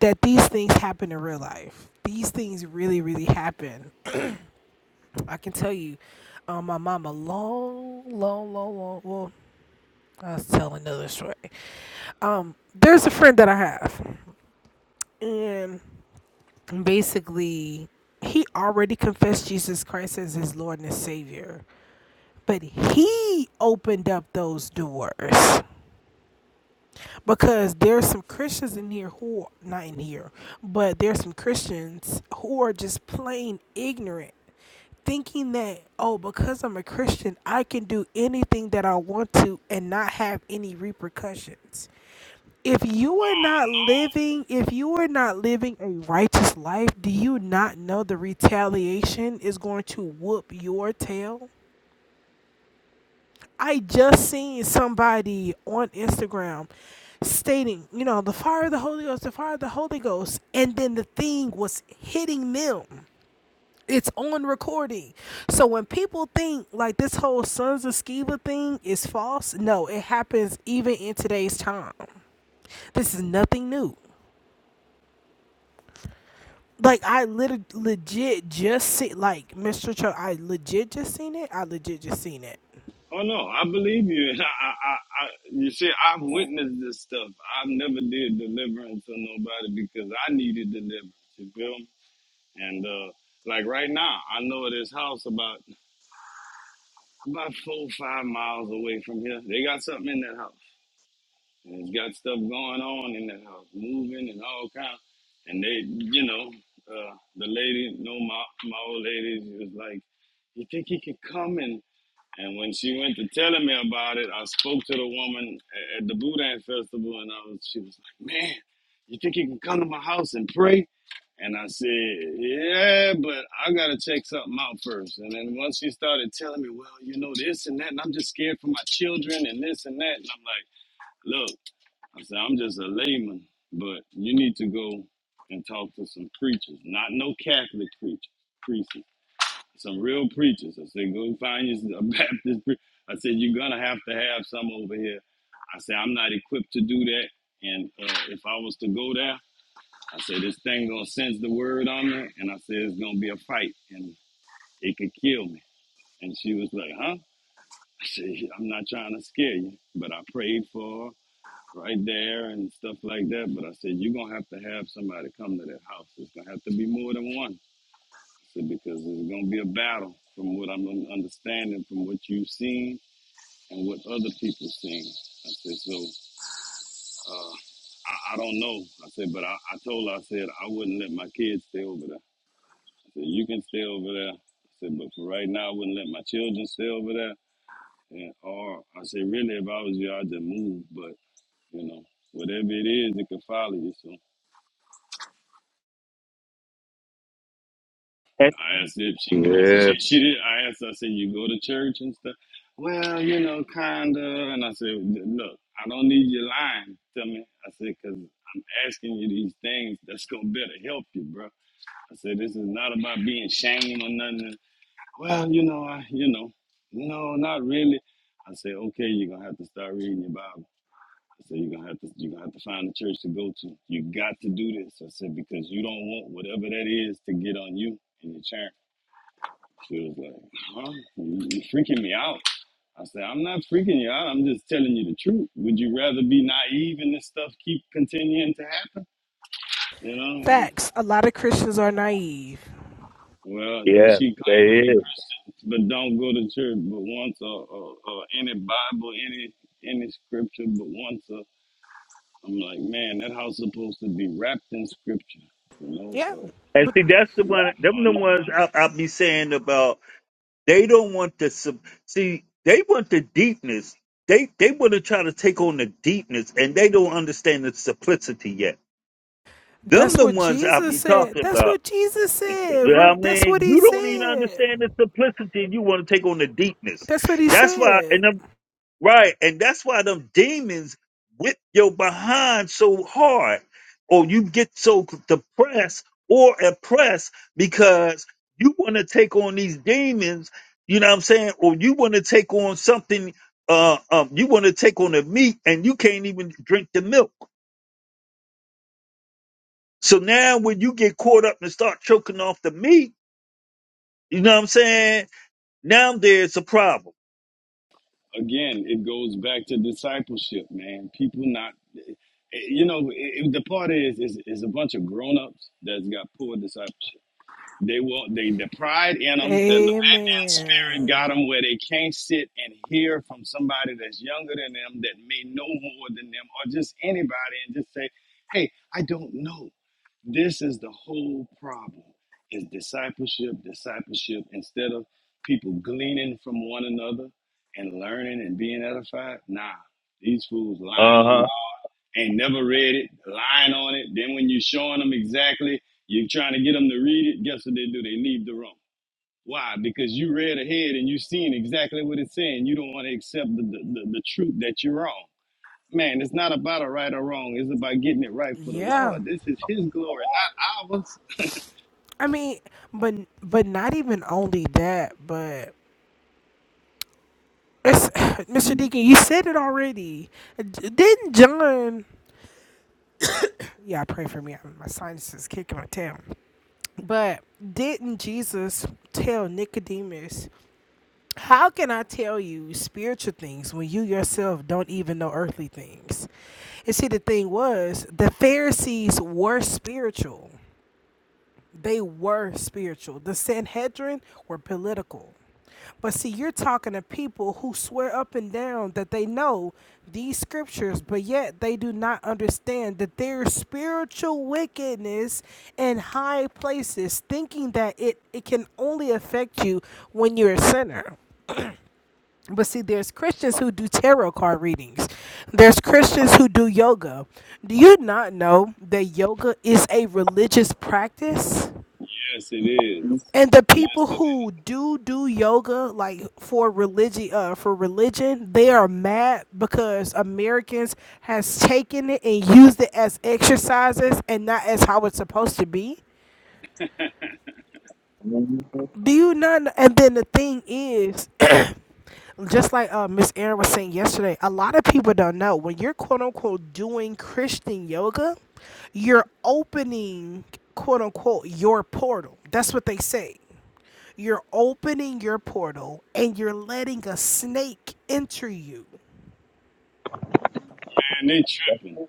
that these things happen in real life. These things really, really happen. I can tell you, um, my mom a long, long, long, long. Well, I was telling another story. Um, there's a friend that I have, and basically, he already confessed Jesus Christ as his Lord and his Savior, but he opened up those doors because there's some Christians in here who are not in here, but there's some Christians who are just plain ignorant thinking that oh because i'm a christian i can do anything that i want to and not have any repercussions if you are not living if you are not living a righteous life do you not know the retaliation is going to whoop your tail i just seen somebody on instagram stating you know the fire of the holy ghost the fire of the holy ghost and then the thing was hitting them it's on recording. So when people think like this whole Sons of Skeva thing is false, no, it happens even in today's time. This is nothing new. Like I literally legit just see like Mr. Cho, I legit just seen it. I legit just seen it.
Oh no, I believe you. I, I, I, you see, I've witnessed this stuff. I never did deliverance on nobody because I needed deliverance. You feel me? And uh, like right now, I know of this house about about four, or five miles away from here. They got something in that house. And it's got stuff going on in that house, moving and all kind. And they, you know, uh, the lady, no, my my old lady, she was like, "You think he could come and?" And when she went to telling me about it, I spoke to the woman a- at the Boudin Festival, and I was, she was like, "Man, you think you can come to my house and pray?" And I said, "Yeah, but I gotta check something out first." And then once she started telling me, "Well, you know this and that," and I'm just scared for my children and this and that, and I'm like, "Look," I said, "I'm just a layman, but you need to go and talk to some preachers, not no Catholic preachers, priests." some real preachers. I said, go find you a Baptist. Pre-. I said, you're gonna have to have some over here. I said, I'm not equipped to do that. And uh, if I was to go there, I said, this thing gonna sense the word on me, and I said, it's gonna be a fight, and it could kill me. And she was like, huh? I said, "Yeah, I'm not trying to scare you, but I prayed for her right there and stuff like that. But I said, you're gonna have to have somebody come to that house. It's gonna have to be more than one. So because there's going to be a battle from what I'm understanding, from what you've seen and what other people seen. I said, so uh, I, I don't know. I said, but I, I told her, I said, I wouldn't let my kids stay over there. I said, you can stay over there. I said, but for right now, I wouldn't let my children stay over there. And, or I said, really, if I was you, I'd just move. But, you know, whatever it is, it could follow you. So
And-
I asked if she go to
yeah.
she, she did I asked I said you go to church and stuff. Well, you know, kinda. And I said, look, I don't need you lying to me. I said, cause I'm asking you these things that's gonna better help you, bro. I said, this is not about being shamed or nothing. Well, you know, I, you know, no, not really. I said, okay, you're gonna have to start reading your Bible. I said, you're gonna have to you're gonna have to find a church to go to. You got to do this. I said, because you don't want whatever that is to get on you and your church. She was like, huh? You- are freaking me out. I said, I'm not freaking you out. I'm just telling you the truth. Would you rather be naive and this stuff keep continuing to happen? You know? And
Facts. A lot of Christians are naive.
well, then
Yeah,
she claimed
they
to be
is.
Christian, but don't go to church but once or, or, or any Bible, any any scripture but once. Or, I'm like, man, that house supposed to be wrapped in scripture. You
Yeah,
know,
And
but
see, that's the
uh,
one. Them
on
the ones I, I be saying about. They don't want the sub. See, they want the deepness. They they want to try to take on the deepness, and they don't understand the simplicity yet. Them
that's
the
what
ones I
Jesus
be
said.
talking
That's
about.
what Jesus said.
I
That's what
mean,
he
you don't even
said.
understand the simplicity and you want to take on the deepness.
That's what he
That's why,
said.
and them, right, and that's why them demons whip your behind so hard, or you get so depressed or oppressed because you want to take on these demons, you know what I'm saying, or you want to take on something, uh, um, you want to take on the meat and you can't even drink the milk. So now when you get caught up and start choking off the meat, you know what I'm saying? Now there's a problem.
again, it goes back to discipleship, man. People not, you know, it, it- the part is, is is a bunch of grown ups that's got poor discipleship. They will, they the pride in them, the Levantine spirit
Amen.
got them where they can't sit and hear from somebody that's younger than them that may know more than them, or just anybody, and just say, "Hey, I don't know." This is the whole problem is discipleship, discipleship, instead of people gleaning from one another and learning and being edified. Nah, these fools lying on
Uh huh.
God, ain't never read it, lying on it. Then when you're showing them exactly, you're trying to get them to read it, guess what they do? They leave the room. Why? Because you read ahead and you seen exactly what it's saying. You don't want to accept the, the, the, the truth that you're wrong man, it's not about a right or wrong. It's about getting it right for the
Yeah.
Lord. This is His glory, not ours.
I mean, but but not even only that, but it's Mr. Deacon, you said it already. D- Didn't John? Yeah, pray for me. I'm- My sinus is kicking my tail. But didn't Jesus tell Nicodemus, "How can I tell you spiritual things when you yourself don't even know earthly things?" And see, the thing was, the Pharisees were spiritual. They were spiritual. The Sanhedrin were political. But see, you're talking to people who swear up and down that they know these scriptures, but yet they do not understand that there's spiritual wickedness in high places, thinking that it, it can only affect you when you're a sinner. But see, there's Christians who do tarot card readings. There's Christians who do yoga. Do you not know that yoga is a religious practice?
Yes, it is.
And the
Yes,
people
it is.
who do do yoga, like for religion, uh, for religion, they are mad because Americans has taken it and used it as exercises and not as how it's supposed to be. Do you not? And then the thing is, just like uh, Miss Erin was saying yesterday, a lot of people don't know when you're quote unquote doing Christian yoga, you're opening quote unquote your portal. That's what they say. You're opening your portal and you're letting a snake enter you.
And they tripping.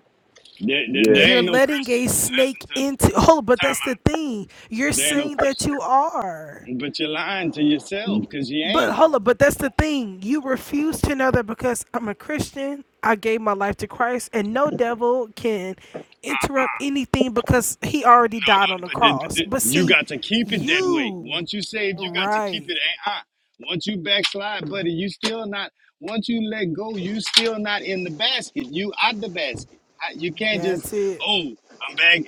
They, they
Yeah.
there
You're
ain't no
letting a
Christians.
snake
Listen to me.
into. Oh, but
Time
that's the thing. You're
out. There ain't no
saying that you
Christians.
are.
But you're lying to yourself because you ain't.
But hold up, but that's the thing. You refuse to know that because I'm a Christian, I gave my life to Christ, and no devil can interrupt anything because he already
No,
died on
no,
the
but, th- but
cross.
th-
But
you
see,
got to keep it that way.
you,
Once you save, you got to keep
right,
it. Uh-uh. Once you backslide, buddy, you still not. Once you let go, you still not in the basket. You out the basket. I- You can't just
that's it.
oh, I'm back.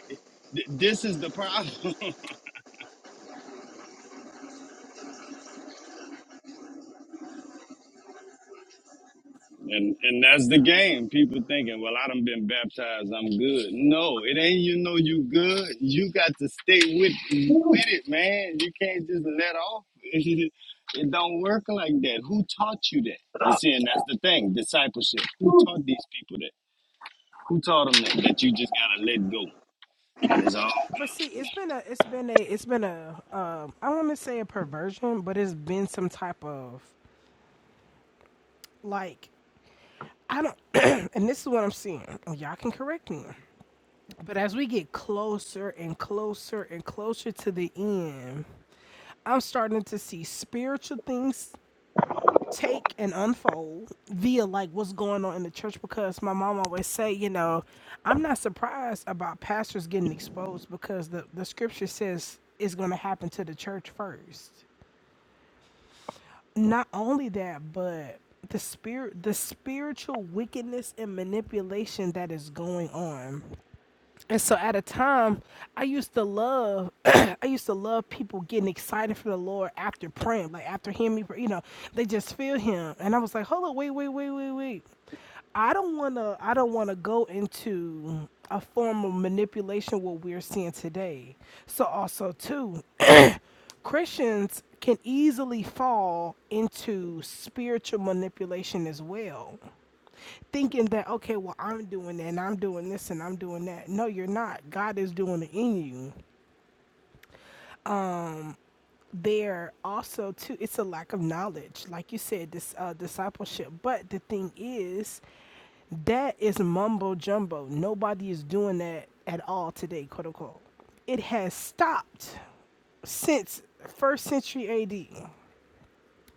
Th- This is the problem. And and that's the game. People thinking, well, I done been baptized, I'm good. No, it ain't you know you good. You got to stay with with it, man. You can't just let off. it don't work like that. Who taught you that? You see, and that's the thing, discipleship. Who taught these people that? Who taught them that? That you just gotta let go. And it's all
But see, it's been a, it's been a, it's been a, um, I want to say a perversion, but it's been some type of like I don't, and this is what I'm seeing. Oh, Y'all can correct me, but as we get closer and closer and closer to the end, I'm starting to see spiritual things take and unfold via like what's going on in the church because my mom always say you know i'm not surprised about pastors getting exposed because the, the scripture says it's going to happen to the church first not only that, but the spirit the spiritual wickedness and manipulation that is going on. And so at a time I used to love I used to love people getting excited for the Lord after praying, like after hearing me pray, you know, they just feel him. And I was like, Hold up, wait, wait, wait, wait, wait. I don't wanna I don't wanna go into a form of manipulation what we're seeing today. So also too Christians can easily fall into spiritual manipulation as well, thinking that, okay, well, I'm doing that and I'm doing this and I'm doing that. No, you're not. God is doing it in you. There also, too, it's a lack of knowledge, like you said, this uh, discipleship. But the thing is, that is mumbo jumbo. Nobody is doing that at all today, quote unquote. It has stopped since first century AD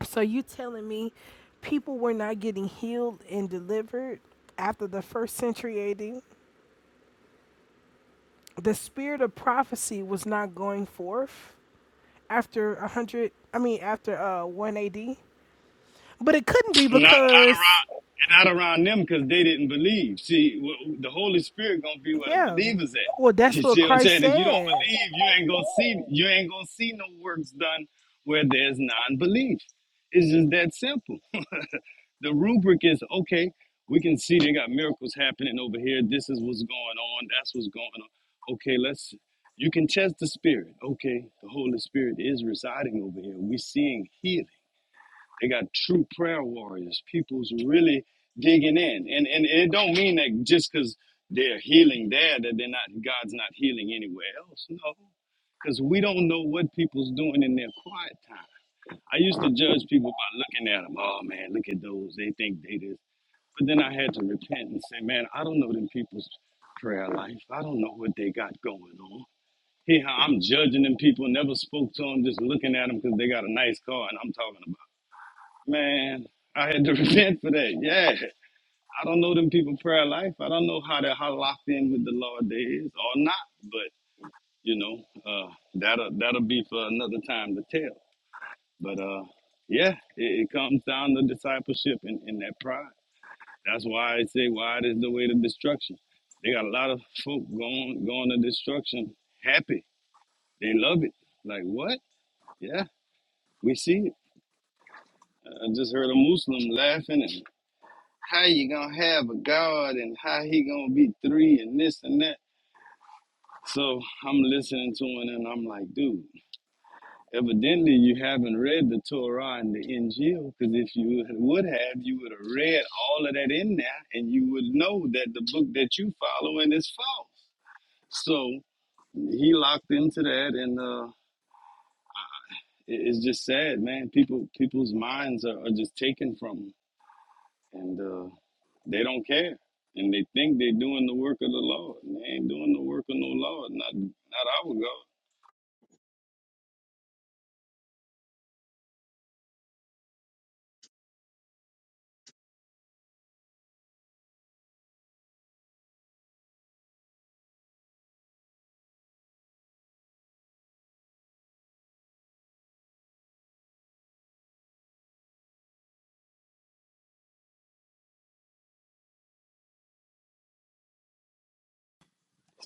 So you telling me people were not getting healed and delivered after the first century AD? The spirit of prophecy was not going forth after 100, I mean after uh 1 AD. But it couldn't be
Not
because
not around not around them because they didn't believe. See, w- w- the Holy Spirit gonna be where the
yeah.
believers at.
Well, that's
You
what
see what I'm
Christ
saying? If you don't
said.
believe, you ain't gonna see you ain't gonna see no works done where there's non-belief. It's just that simple. The rubric is okay. We can see they got miracles happening over here. This is what's going on. That's what's going on. Okay, let's. You can test the spirit. Okay, the Holy Spirit is residing over here. We're seeing here. They got true prayer warriors. People's really digging in, and and it don't mean that just because they're healing there that they're not God's not healing anywhere else. No, because we don't know what people's doing in their quiet time. I used to judge people by looking at them. Oh man, look at those. They think they this. But then I had to repent and say, man, I don't know them people's prayer life. I don't know what they got going on. Here, I'm judging them people. Never spoke to them. Just looking at them because they got a nice car, and I'm talking about. Man, I had to repent for that. Yeah. I don't know them people prayer life. I don't know how they how locked in with the Lord they is or not, but you know, uh that'll that'll be for another time to tell. But uh yeah, it, it comes down to discipleship and, and that pride. That's why I say wide is the way to destruction. They got a lot of folk going going to destruction happy. They love it. Like what? Yeah. We see it. I just heard a Muslim laughing and. how you gonna have a God and how he gonna be three and this and that. So I'm listening to him and I'm like, dude, evidently you haven't read the Torah and the Injil because if you would have, you would have read all of that in there and you would know that the book that you following is false. So he locked into that and uh, it- it's just sad, man. People people's minds are, are just taken from them, from 'em. They don't care. And they think they're doing the work of the Lord. And they ain't doing the work of no Lord. Not not our God.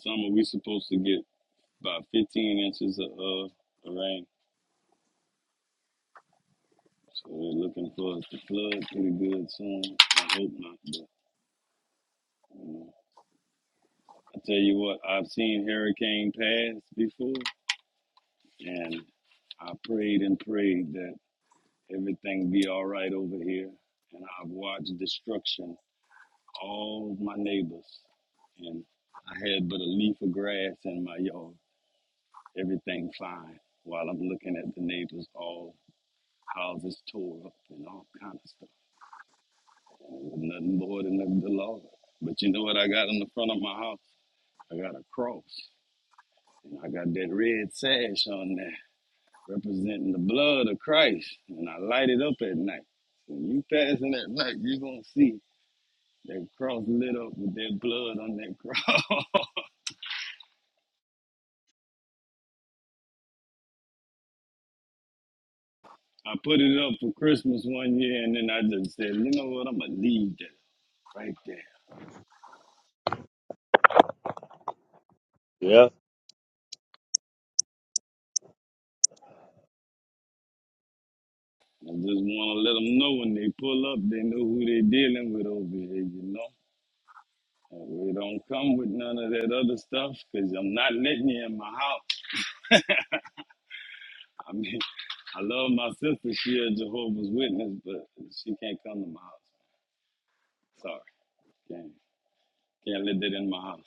Summer we supposed to get about fifteen inches of uh of rain. So we're looking for us to flood pretty good soon. I hope not, but you know. I tell you what, I've seen hurricane pass before and I prayed and prayed that everything be all right over here. And I've watched destruction all my neighbors, and I had but a leaf of grass in my yard. Everything fine. While I'm looking at the neighbors, all houses tore up and all kind of stuff. And it was nothing more than the, the Lord. But you know what I got in the front of my house? I got a cross, and I got that red sash on there representing the blood of Christ, and I light it up at night. When you passing at night, you're gonna see that cross lit up with that blood on that cross. I put it up for Christmas one year, and then I just said, you know what, I'm gonna leave that right there.
Yeah.
I just want to let them know when they pull up, they know who they dealing with over here, you know. And We don't come with none of that other stuff, cause I'm not letting you in my house. I mean, I love my sister, she a Jehovah's Witness, but she can't come to my house. Sorry, can't can't let that in my house.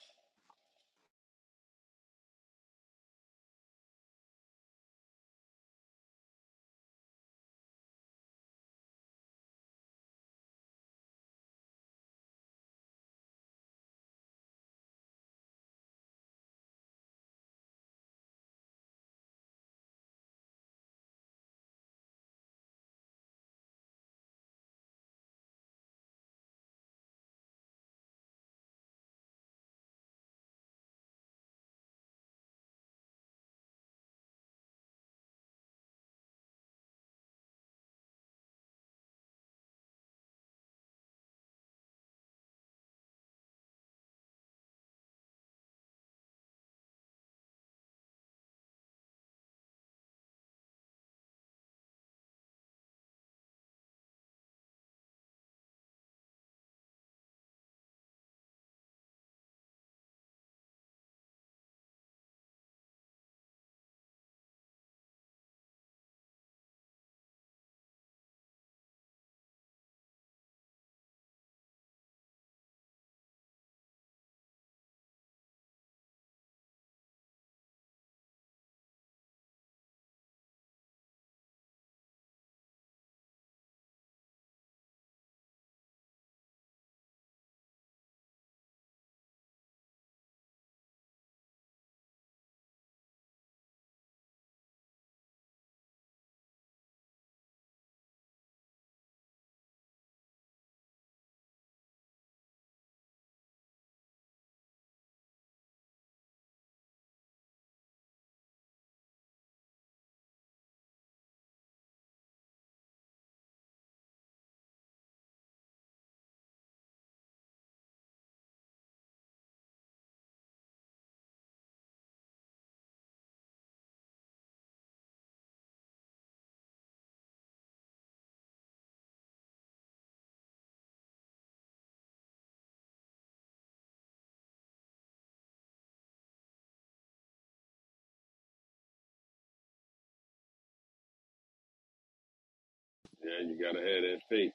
Yeah, you gotta have that faith.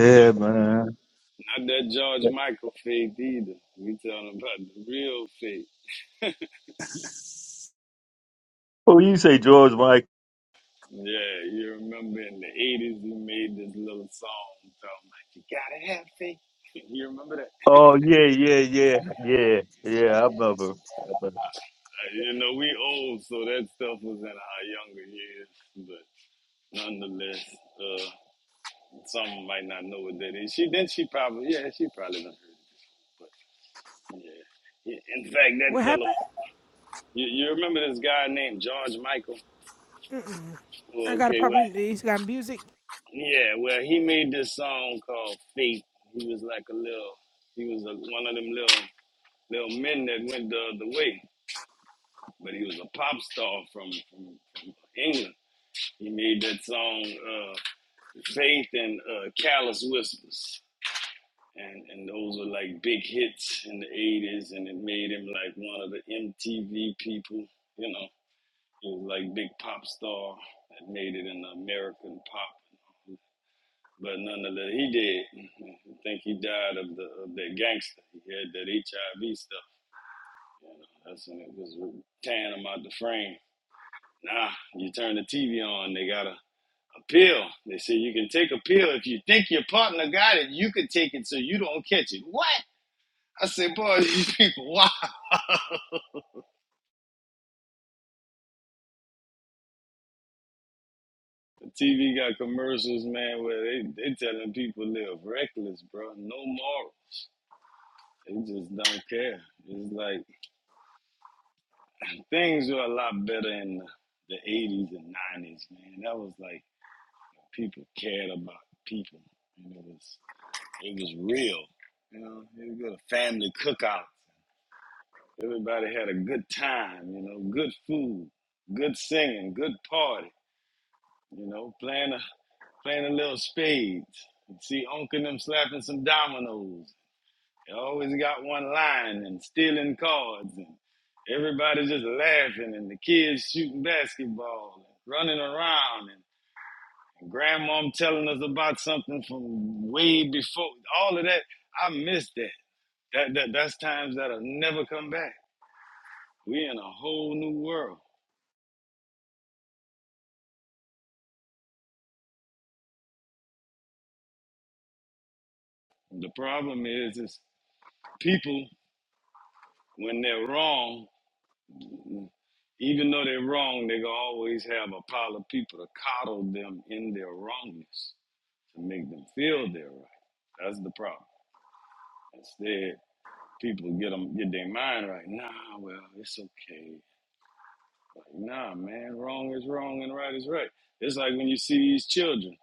Not
man.
not that George Michael faith either. We talking about the real faith.
Oh, you say George Mike?
Yeah, you remember in the 80s he made this little song talking like, you gotta have faith. You remember that? Uh,
Oh, yeah, yeah, yeah, yeah, yeah. I remember. I remember.
you know, we old, so that stuff was in our younger years. But nonetheless, uh, some might not know what that is. She then she probably, yeah, she probably done heard it. But yeah. Yeah, In fact, that
What
fellow,
happened?
you, you remember this guy named George Michael?
I
Well,
got to
okay, well,
probably he's got music.
yeah, well, he made this song called Faith. He was like a little, he was a, one of them little little men that went the other way. But he was a pop star from, from, from England. He made that song uh, Faith and uh, Callous Whispers. And, and those were like big hits in the 80s, and it made him like one of the MTV people. You know, he was like big pop star that made it in American pop. But nonetheless, he did. I think he died of the of that gangster. He had that HIV stuff. You know, that's when it was tearing him out the frame. Nah, you turn the TV on, they got a, a pill. They say you can take a pill. If you think your partner got it, you can take it so you don't catch it. What? I said, boy, these people, wow. The TV got commercials, man, where they, they telling people live reckless, bro. No moral. They just don't care. It's like things were a lot better in the, the 80s and 90s, man. That was like people cared about people. And it was it was real. You know, you go to family cookout. Everybody had a good time, you know, good food, good singing, good party, you know, playing a playing a little spades. You'd See Unc and them slapping some dominoes. They always got one lying and stealing cards and everybody just laughing and the kids shooting basketball and running around and grandmom telling us about something from way before all of that. I miss that. That, that that's times that'll never come back. We in a whole new world. The problem is, is people when they're wrong, even though they're wrong, they gonna always have a pile of people to coddle them in their wrongness to make them feel they're right. That's the problem. Instead, people get them get their mind right. Nah, well, it's okay. Like, nah, man, wrong is wrong and right is right. It's like when you see these children,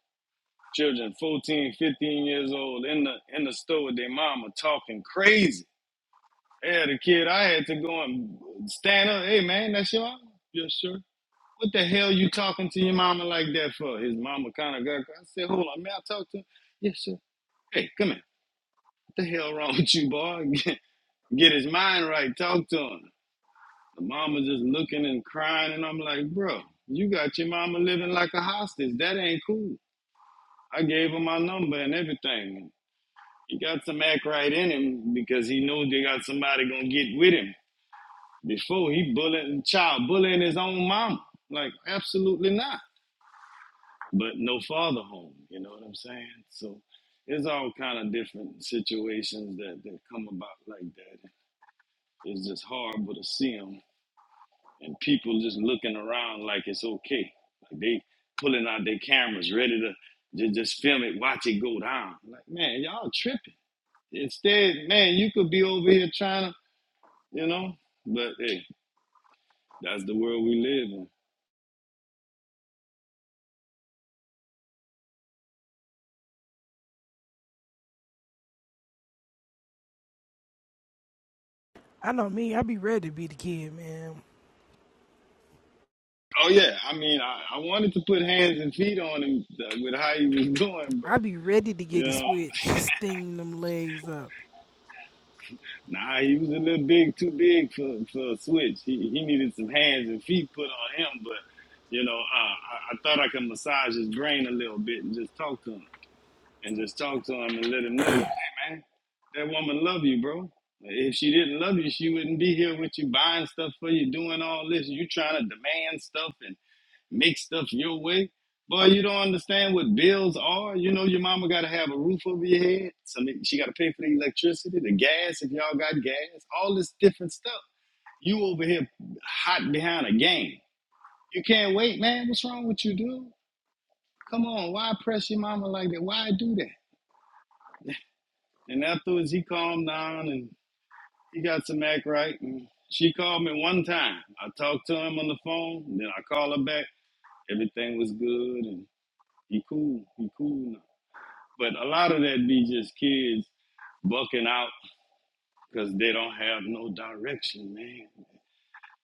children 14, 15 years old in the in the store with their mama talking crazy Yeah, the kid, I had to go and stand up. Hey, man, that's your mama? Yes, sir. What the hell you talking to your mama like that for? His mama kind of got. I said, hold on, may I talk to him? Yes, sir. Hey, come here. What the hell wrong with you, boy? Get, get his mind right. Talk to him. The mama just looking and crying, and I'm like, bro, you got your mama living like a hostage. That ain't cool. I gave him my number and everything. He got some act right in him because he know they got somebody gonna get with him. Before he bullying child bullying his own mama. Like absolutely not. But no father home. You know what I'm saying? So it's all kind of different situations that, that come about like that. It's just horrible to see them and people just looking around like it's okay. Like they pulling out their cameras ready to just, just film it, watch it go down. Like man, y'all tripping. Instead, man, you could be over here trying to, you know. But hey, that's the world we live in.
I know me, I be ready to be the kid, man.
Oh yeah, I mean, I, I wanted to put hands and feet on him uh, with how he was doing,
I
but
be ready to
you
get a
know,
switch, sting them legs up.
nah, he was a little big, too big for for a switch. He he needed some hands and feet put on him, but you know, uh, I, I thought I could massage his brain a little bit and just talk to him and just talk to him and let him know that, hey man, that woman love you, bro. If she didn't love you, she wouldn't be here with you buying stuff for you, doing all this. You trying to demand stuff and. make stuff your way. Boy, you don't understand what bills are. You know your mama gotta have a roof over your head. Some she gotta pay for the electricity, the gas if y'all got gas, all this different stuff. You over here hot behind a game. You can't wait, man. What's wrong with you, dude? Come on, why press your mama like that? Why do that? And afterwards he calmed down and he got some act right. And she called me one time. I talked to him on the phone, then I call her back. Everything was good and he cool. He cool now. But a lot of that be just kids bucking out because they don't have no direction, man.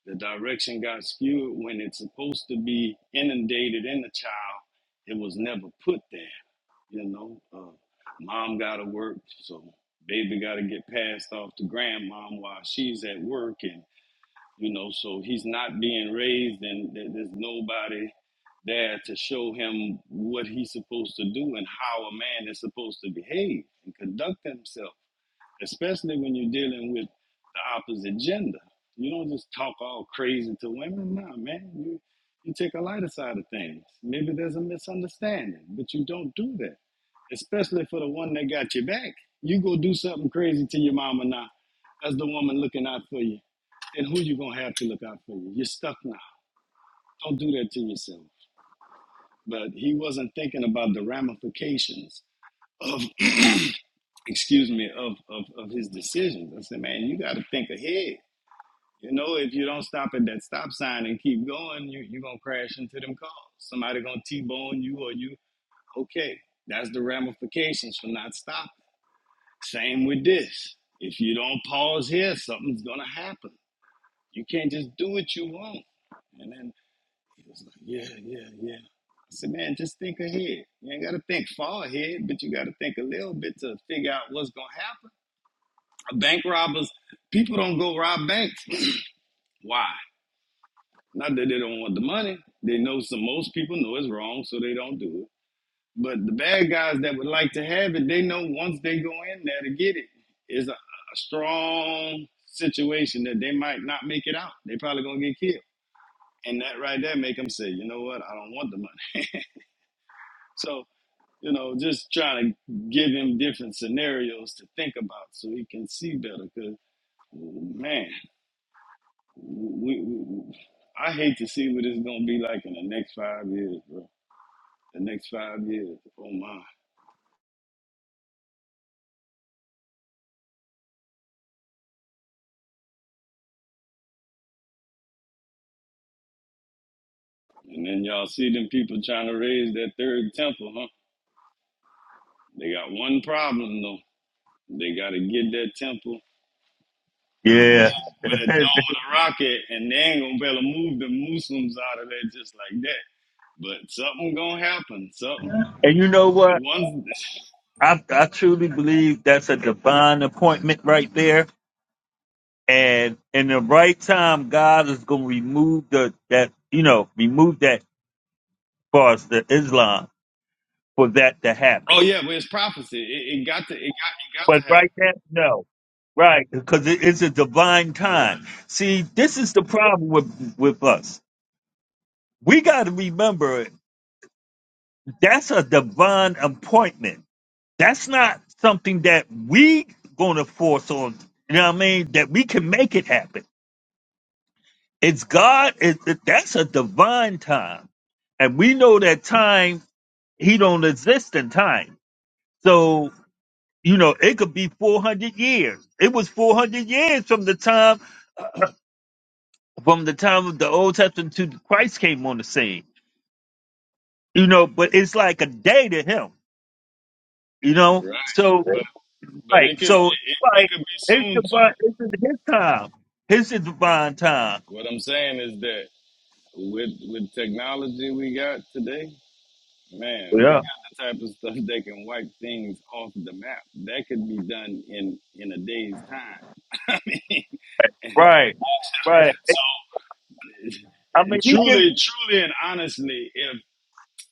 The direction got skewed when it's supposed to be inundated in the child. It was never put there, you know. Uh, mom got to work, so baby got to get passed off to grandmom while she's at work, and you know so he's not being raised and th- there's nobody there to show him what he's supposed to do and how a man is supposed to behave and conduct himself especially when you're dealing with the opposite gender you don't just talk all crazy to women nah man you you take a lighter side of things maybe there's a misunderstanding but you don't do that especially for the one that got your back you go do something crazy to your mama now that's the woman looking out for you and who you gonna have to look out for you. You're stuck now. Don't do that to yourself. But he wasn't thinking about the ramifications of excuse me, of, of, of his decisions. I said, man, you gotta think ahead. You know, if you don't stop at that stop sign and keep going, you you gonna crash into them cars. Somebody gonna T bone you or you okay. That's the ramifications for not stopping. Same with this. If you don't pause here, something's gonna happen. You can't just do what you want. and then. He was like, yeah, yeah, yeah. I said, man, just think ahead. You ain't got to think far ahead, but you got to think a little bit to figure out what's going to happen. Bank robbers, people don't go rob banks. Why? Not that they don't want the money. They know some, most people know it's wrong, so they don't do it. But the bad guys that would like to have it, they know once they go in there to get it, it's a, a strong situation that they might not make it out. They probably going to get killed. And that right there make them say, you know what? I don't want the money. So you know, just trying to give him different scenarios to think about so he can see better. Cause man, we, we I hate to see what it's gonna be like in the next five years, bro. The next five years, oh my! And then y'all see them people trying to raise that third temple, huh? They got one problem though. They got to get that temple
Yeah.
with a dome of the rocket, and they ain't gonna be able to move the Muslims out of there just like that. But something gonna happen. Something.
and you know what?
One.
I I truly believe that's a divine appointment right there. And in the right time, God is going to remove the that you know remove that for us, the Islam. for that to happen.
Oh yeah, but it's prophecy. It, it got to it got it got to
But
happen.
right now, no. Right, because it is a divine
Right,
time. See, this is the problem with with us. We got to remember that's a divine appointment. That's not something that we going to force on. You know what I mean? That we can make it happen. It's God. It, it- that's a divine time, and we know that time. He don't exist in time. So You know, it could be 400 years. It was 400 years from the time from the time of the Old Testament to Christ came on the scene. You know, but it's like a day to him. You know,
right.
so
But but it
like
could it,
so
it, it
like
could be
it's
soon too.
divine. It's in his time. His is divine time.
What I'm saying is that with with technology we got today, man, we
Yeah.
got the type of stuff that can wipe things off the map. That could be done in in a day's time. I mean,
Right. Right.
so
I mean, he gives
truly, truly, and honestly, if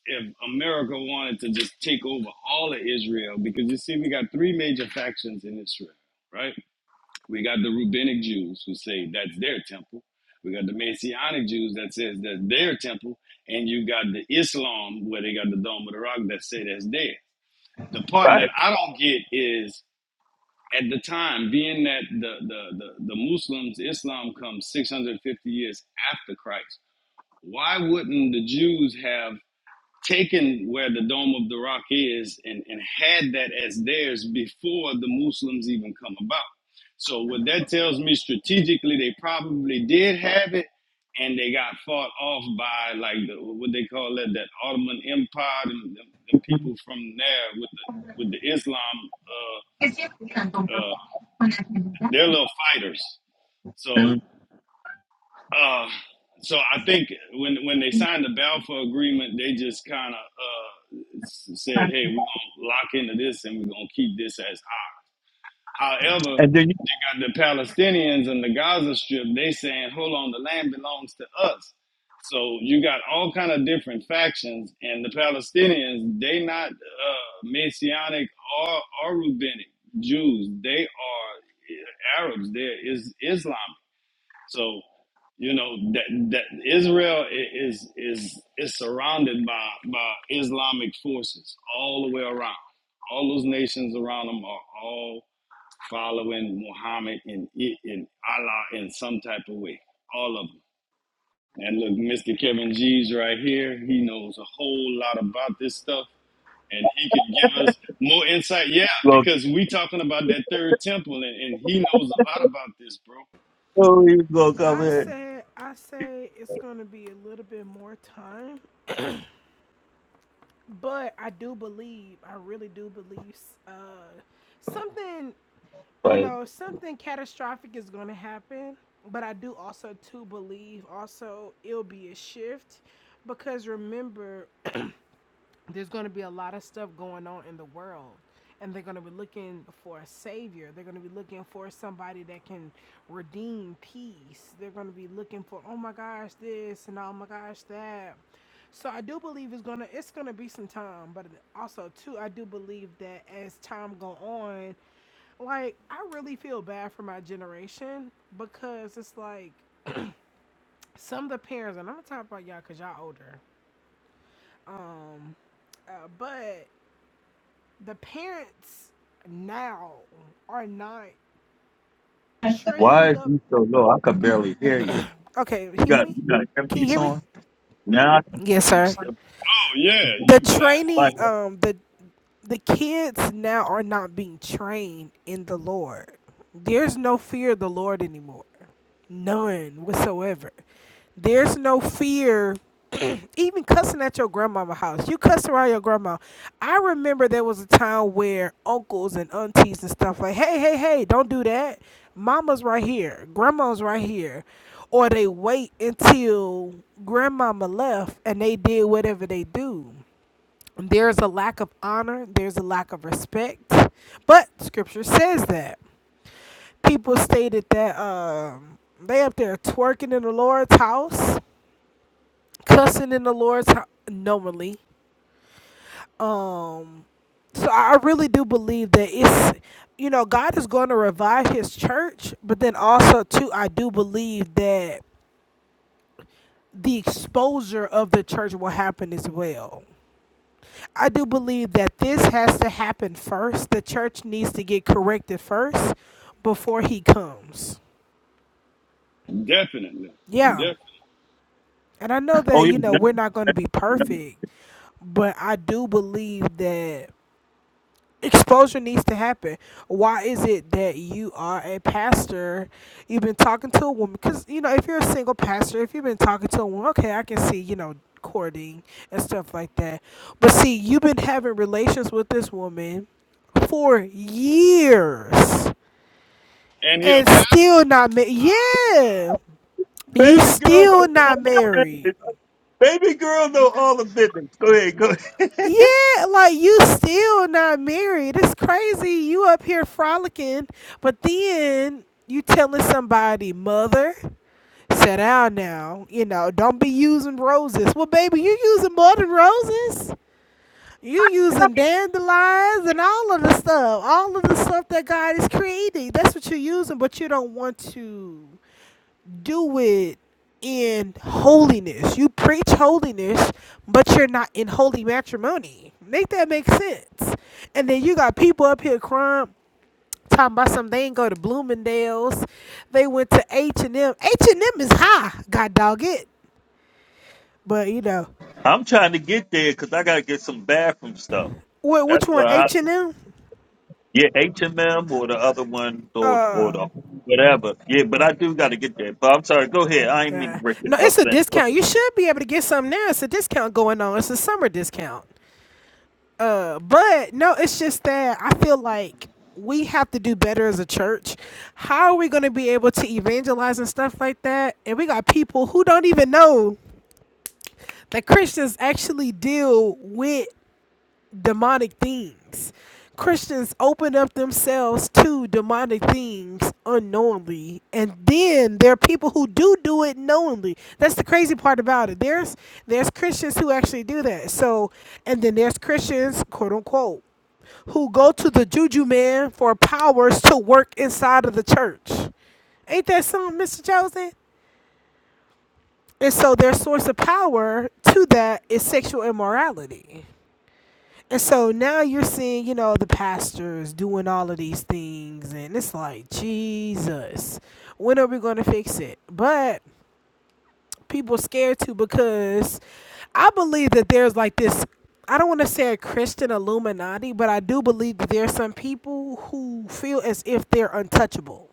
if America wanted to just take over all of Israel, because you see, we got three major factions in Israel, right? We got the Rubenic Jews who say that's their temple. We got the Messianic Jews that says that's their temple, and you got the Islam where they got the Dome of the Rock that say that's theirs. The part that
right.
I don't get is at the time, being that the the the, the Muslims, Islam comes 650 years after Christ. Why wouldn't the Jews have taken where the Dome of the Rock is and, and had that as theirs before the Muslims even come about. So what that tells me strategically, they probably did have it, and they got fought off by like the, what they call it, that Ottoman Empire and the, the
Mhm.
people from there with the with the Islam, uh, uh, they're little fighters. So Uh, so I think when when they signed the Balfour Agreement, they just kind of uh, s- said, "Hey, we're gonna lock into this and we're gonna keep this as our." However,
And then you
got the Palestinians and the Gaza Strip. They saying, "Hold on, the land belongs to us." So you got all kind of different factions, and the Palestinians they not uh, Messianic or or Rabbinic Jews. They are eh, Arabs. They're is Islam. So, you know that that Israel i- is is is surrounded by by Islamic forces all the way around. All those nations around them are all following Muhammad and I- and Allah in some type of way. All of them. And look, Mr. Kevin G's right here. He knows a whole lot about this stuff, and he could give us more insight. Yeah,
go,
because we talking about that third temple, and, and he knows a lot about this, bro. Oh
oh, you go come
I
in.
say I say it's gonna be a little bit more time, but I do believe I really do believe uh, something you know something catastrophic is gonna happen. But I do also too believe also it'll be a shift because remember there's going to be a lot of stuff going on in the world and they're going to be looking for a savior they're going to be looking for somebody that can redeem peace they're going to be looking for oh my gosh this and oh my gosh that so i do believe it's going to it's going to be some time but also too i do believe that as time go on like i really feel bad for my generation because it's like some of the parents and i'm gonna talk about y'all because y'all older um uh, but the parents now are not
Why
training
is
up.
you so low? I could barely hear you.
Okay,
You
hear
got
me?
you got
Can you
earpiece
hear me?
on? Now I can
Yes,
hear you
sir.
still.
yeah,
The
you black.
training,
Like,
um, the the kids now are not being trained in the Lord. There's no fear of the Lord anymore. None whatsoever. There's no fear even cussing at your grandmama house. You cuss around your grandma. I remember there was a time where uncles and aunties and stuff like, hey, hey, hey, don't do that. Mama's right here. Grandma's right here. Or they wait until grandmama left and they did whatever they do. There's a lack of honor, there's a lack of respect. But scripture says that. People stated that um, they up there twerking in the Lord's house, cussing in the Lord's house knowingly. Um, so I I really do believe that it's you know God is going to revive His church, but then also too I do believe that the exposure of the church will happen as well. I do believe that this has to happen first. The church needs to get corrected first before he comes.
Definitely.
Yeah.
Def-
And I know
oh
that,
you
you know, we're not going to be perfect, but I do believe that exposure needs to happen. Why is it that you are a pastor? You've been talking to a woman because you know if you're a single pastor, if you've been talking to a woman, okay, I can see you know courting and stuff like that. But see, you've been having relations with this woman for years
and he'll
and
pass.
still not married. Yeah, you
baby girl know
still
all
not
the
married.
business. Baby girl know all the business. Go ahead, go ahead.
Yeah, like you still not married. It's crazy. You up here frolicking, but then you telling somebody, mother, sit down now. You know, don't be using roses. Well, baby, you using more than roses. You using dandelions and all of the stuff, all of the stuff that God is creating. That's what you're using, but you don't want to do it in holiness. You preach holiness, but you're not in holy matrimony. Make that make sense. And then you got people up here crying, talking about something. They ain't go to Bloomingdale's. They went to H and M. H and M is high. God dog it. But you know,
I'm trying to get there because I gotta get some bathroom stuff.
what?
That's
Which one?
why I
H and M.
yeah, H and M or the other one or or
Uh,
the whatever. Yeah, but I do gotta get there. But I'm sorry, go ahead. I ain't mean to
yeah.
break it
No, it's
up
a
then. Go
discount. You should be able to get something now. It's a discount going on. It's a summer discount. Uh, but no, it's just that I feel like we have to do better as a church. How are we going to be able to evangelize and stuff like that? And we got people who don't even know that Christians actually deal with demonic things. Christians open up themselves to demonic things unknowingly, and then there are people who do do it knowingly. That's the crazy part about it. There's there's Christians who actually do that. So, and then there's Christians, quote unquote, who go to the juju man for powers to work inside of the church. Ain't that something, Mr. Joseph? And so their source of power to that is sexual immorality. And so now you're seeing, you know, the pastors doing all of these things, and it's like, Jesus, when are we going to fix it? But people scared to because I believe that there's like this I don't want to say a Christian Illuminati, but I do believe that there are some people who feel as if they're untouchable,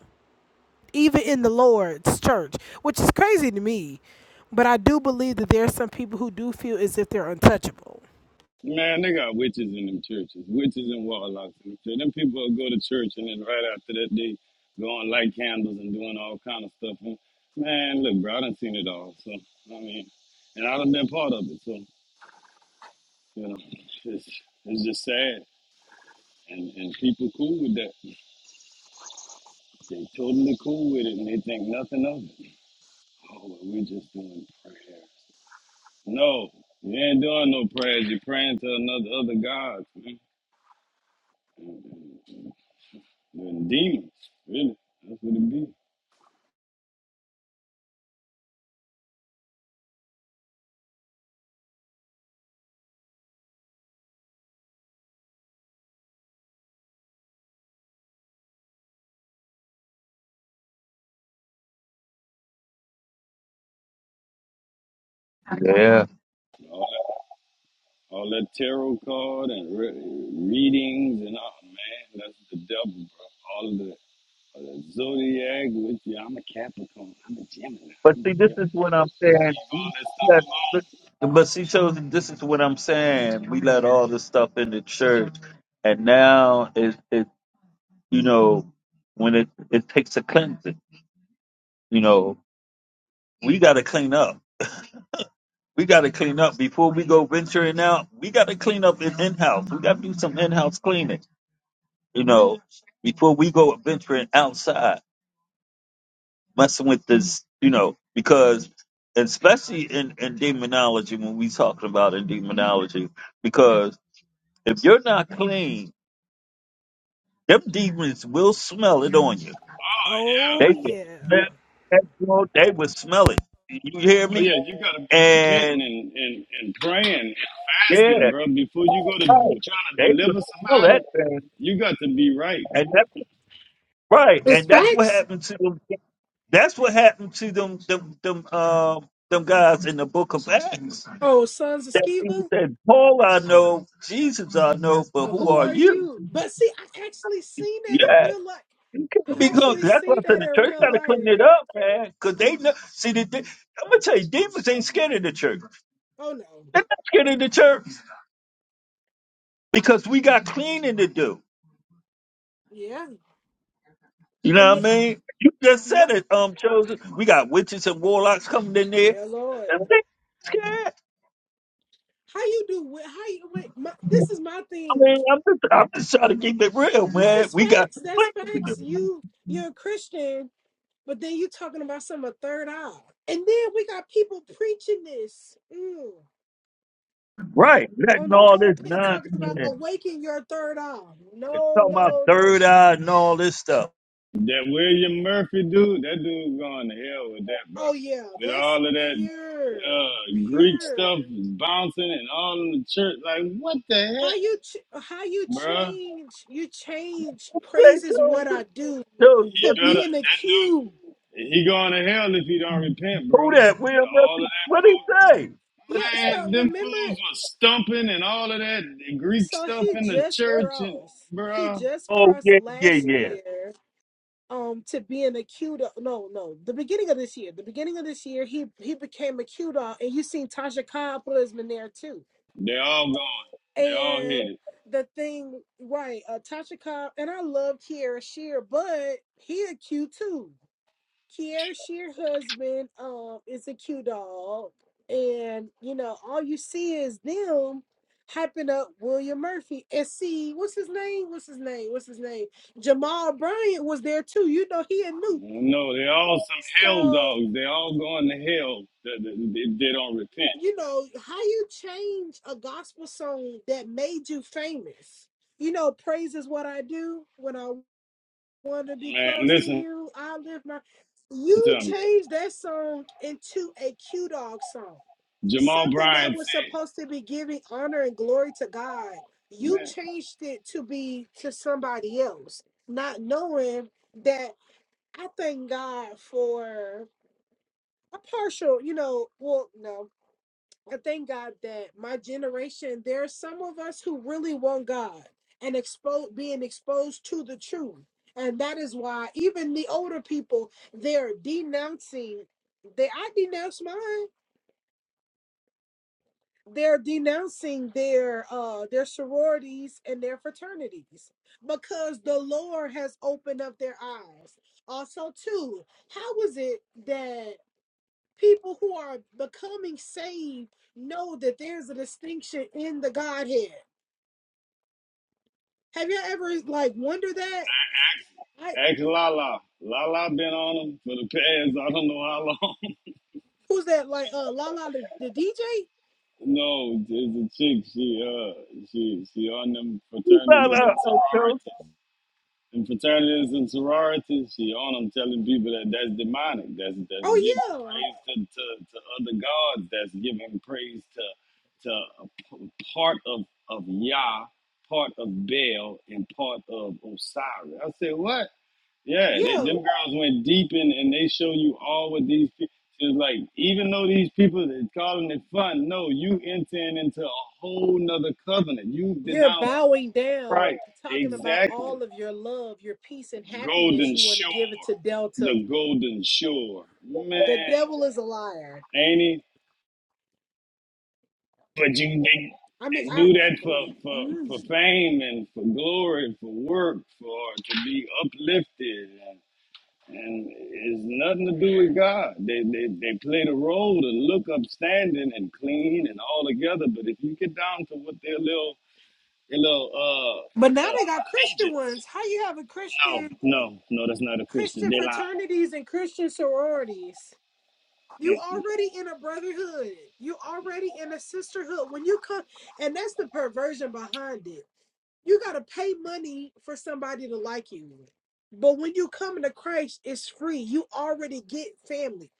even in the Lord's church, which is crazy to me. But I do believe that there are some people who do feel as if they're untouchable.
Man, they got witches in them churches, witches and warlocks in them churches. Them people will go to church and then right after that, they go and light candles and doing all kind of stuff. And, man, look, bro, I done seen it all. So, I mean, and I done been part of it. So, you know, it's, it's just sad. And, and people cool with that. They totally cool with it and they think nothing of it. Oh, well, we just doing prayer. No, you ain't doing no prayers. You're praying to another other gods, man. Them demons, really. That's what it be.
ahead.
All that, all that tarot card and re- readings and all, man, that's the devil, bro. All of the, all the zodiac with you. I'm a Capricorn. I'm a Gemini.
But
I'm
see,
a
this
Virgo.
is what I'm
Leave
saying.
all
We
that stuff
let- But,
alone.
but see, so this is what I'm saying. We let all this stuff in the church, and now it, it you know, when it it takes a cleansing, you know, we got to clean up. We got to clean up before we go venturing out. We got to clean up in in house. We got to do some in house cleaning, you know, before we go venturing outside. messing with this, you know, because especially in, in demonology, when we talking about in demonology, because if you're not clean, them demons will smell it on you.
Yeah.
They
Oh,
will
yeah.
smell that smoke, they will smell it. You hear
Oh
me?
yeah, you gotta be repenting
And
and, and, and praying and
yeah,
fasting, bro. Before you go to
right.
trying to
They will
deliver
smell that
somebody,
thing.
you got to be right.
And that's right. And that's what happened to them. That's what happened to them them them um them guys in the book of Acts.
Oh,
That he
dude.
said, Paul I know, Jesus I know, but who are you?
But see, I actually seen that in
Yeah.
real life.
You can't
I
be close.
actually
That's why
see
I said
that
the
in
church
real
got to clean
life.
it up, man. Because they know. See, the, de- I'm going to tell you, demons ain't scared of the church.
Oh no.
They're not scared of the church because we got cleaning to do.
Yeah.
You know
And
what I
th-
mean? You just
my
said it, um, Joseph. We got witches and warlocks coming in there.
yeah, Lord.
And they scared.
How you do? wi- How you wait? My, this
I
is my thing.
mean, I'm just, I'm just trying to keep it real,
No,
man.
it's
We got
facts. That's
cleaning to
facts. You
do.
you're a Christian, but then you talking about some a third eye, and then we got people preaching this mm,
Right.
on
Letting
the
all this
pulpit talking about
nonsense
awaken your third eye.
and
No,
talking about
no, no.
third eye and all this stuff.
That William Murphy dude, that dude going to hell with that, bro.
Oh yeah,
With
that's
all of that
pure,
uh, Greek stuff
pure.
and bouncing and all in the church. Like, what the
How
heck,
you ch- how you
bruh?
change? You change. Praise
They
is
told,
what I do
told
to
He
what he,
better,
being
that dude,
accused.
he going to hell if he don't repent, bro.
who that
The,
William
all of
Murphy,
that
what he say? But,
Yeah,
food, man,
so
them
remember
fools was stumping and all of that Greek
So
stuff
he
in the
just
church, and
crossed. He
bruh,
just
oh,
crossed
yeah, yeah,
last
yeah.
year um to being a CUDA. No, no, the beginning of this year. The beginning of this year, he he became a CUDA, and you seen Tasha Cobb put his in there too.
they all gone. They all
And
headed.
the thing, right? Uh, Tasha Cobb and I love Kiera Shear, but he a Q too. Kierish, your husband, um, is a cute dog, and you know all you see is them hyping up William Murphy. And see, what's his name? What's his name? What's his name? Jamal Bryant was there too. You know he a new.
No, they all some hell
So
dogs. They all going to hell if they, they, they don't repent.
you know how you change a gospel song that made you famous. You know, praise is what I do when I want to be
Man,
close to
listen
you. I live my.
to
You
me.
changed that song into a Q Dog song
Jamal
something that
Bryant
was
said,
supposed to be giving honor and glory to God. You
man,
changed it to be to somebody else, not knowing that I thank God for a partial, you know, well, no, I thank God that my generation, there are some of us who really want God and expose being exposed to the truth. And that is why even the older people, they're denouncing. They I denounce mine. they're denouncing their uh their sororities and their fraternities because the lord has opened up their eyes also too how is it that people who are becoming saved know that there's a distinction in the godhead have you ever like wondered that i
Ask Lala. Lala been on him for the past I don't know how long.
who's that like uh la la the, the dj
no, it's a chick. She uh she she on them
He found
fraternities and
out, uh, told.
sororities. And fraternities and sororities, she on them telling people that that's demonic. That's that's giving
oh
praise to, to, to other gods. That's giving praise to to a p- part of of Yah, part of Baal, and part of Osiris. I said what? Yeah,
yeah
they,
yeah.
them girls went deep in, and they show you all what these people. It's like even though these people that calling it fun, no, you entering into a whole nother covenant. You
You're
denounce
bowing down,
Christ.
talking about
Exactly.
all of your love, your peace and happiness.
Golden
You want to
shore.
give it to Delta.
The golden shore.
The
Man,
devil is a liar.
ain't it? But you they,
I mean,
they
I
do that for, for, for fame and for glory, for work, for to be uplifted. and it's nothing to do with God. They, they they play the role to look upstanding and clean and all together, but if you get down to what their little their little
but now
uh, uh
they got Christian
allegiance,
ones. How you have a
no,
Christian
no, no, that's not a Christian.
Christian
They lie.
fraternities and Christian sororities? You
Mm-mm.
already in a brotherhood. You already in a sisterhood. When you come, and that's the perversion behind it. You gotta pay money for somebody to like you. But when you come into Christ, it's free. You already get family.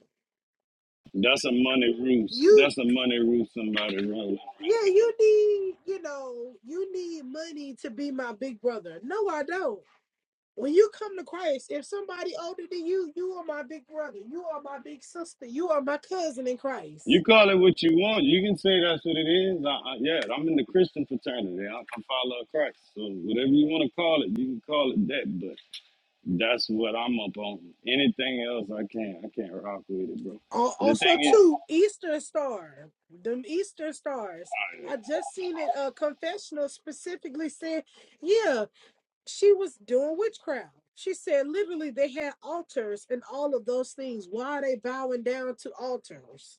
That's a money ruse.
You
That's a money ruse. Somebody wrote.
Yeah, you need, you know, you need money to be my big brother. No, I don't. When you come to Christ, if somebody older than you, you are my big brother. You are my big sister. You are my cousin in Christ.
You call it what you want. You can say that's what it is. I, I, yeah, I'm in the Christian fraternity. I, I follow Christ. So whatever you want to call it, you can call it that. That's what I'm up on. Anything else, I can't. I can't rock with it, bro.
Al-
The
Also,
thing is,
too, Eastern Star, them Eastern Stars. I just seen a, a confessional specifically saying, yeah, she was doing witchcraft. She said literally they had altars and all of those things. Why are they bowing down to altars?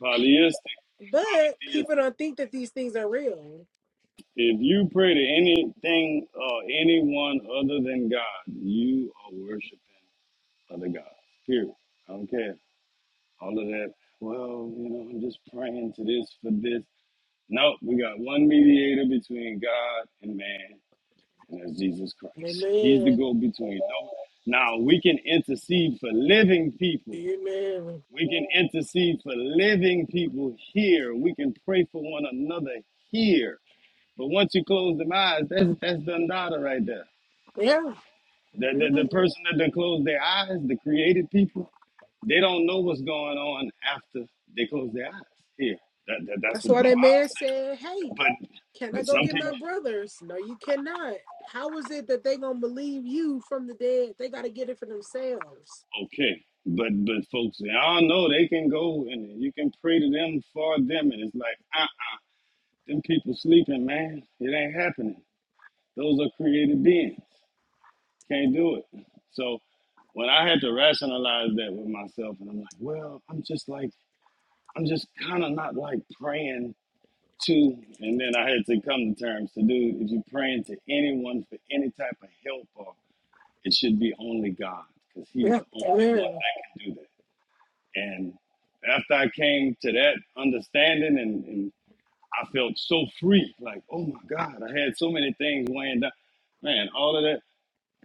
polyistic,
But
polytheist.
people don't think that these things are real.
If you pray to anything or anyone other than God, you are worshiping other gods. Period. I don't care. All of that. Well, you know, I'm just praying to this for this. No, we got one mediator between God and man, and that's Jesus Christ. He's the
Amen.
go-between. No, now we can intercede for living people
Amen.
We can intercede for living people here. We can pray for one another here. But once you close them eyes, that's that's Dundada right there.
Yeah.
The, the, the
Mhm.
person that done closed their eyes, the created people, they don't know what's going on after they close their eyes. Here, that, that that's
That's
what
why
my
that
Bible
man
said.
said, Hey,
But
can I
but
go
some
get my
people,
brothers? No, you cannot. How is it that they gonna believe you from the dead? They gotta get it for themselves.
okay. But but folks, y'all know they can go and you can pray to them for them, and it's like, uh, uh them people sleeping, man. It ain't happening. Those are created beings. Can't do it. So when I had to rationalize that with myself, and I'm like, well, I'm just like, I'm just kind of not like praying to. And then I had to come to terms to do, if you're praying to anyone for any type of help, or it should be only God, because He's
Yeah.
the only one
Amen.
that can do that. And after I came to that understanding, and, and I felt so free, like, oh my God, I had so many things weighing down. Man, all of that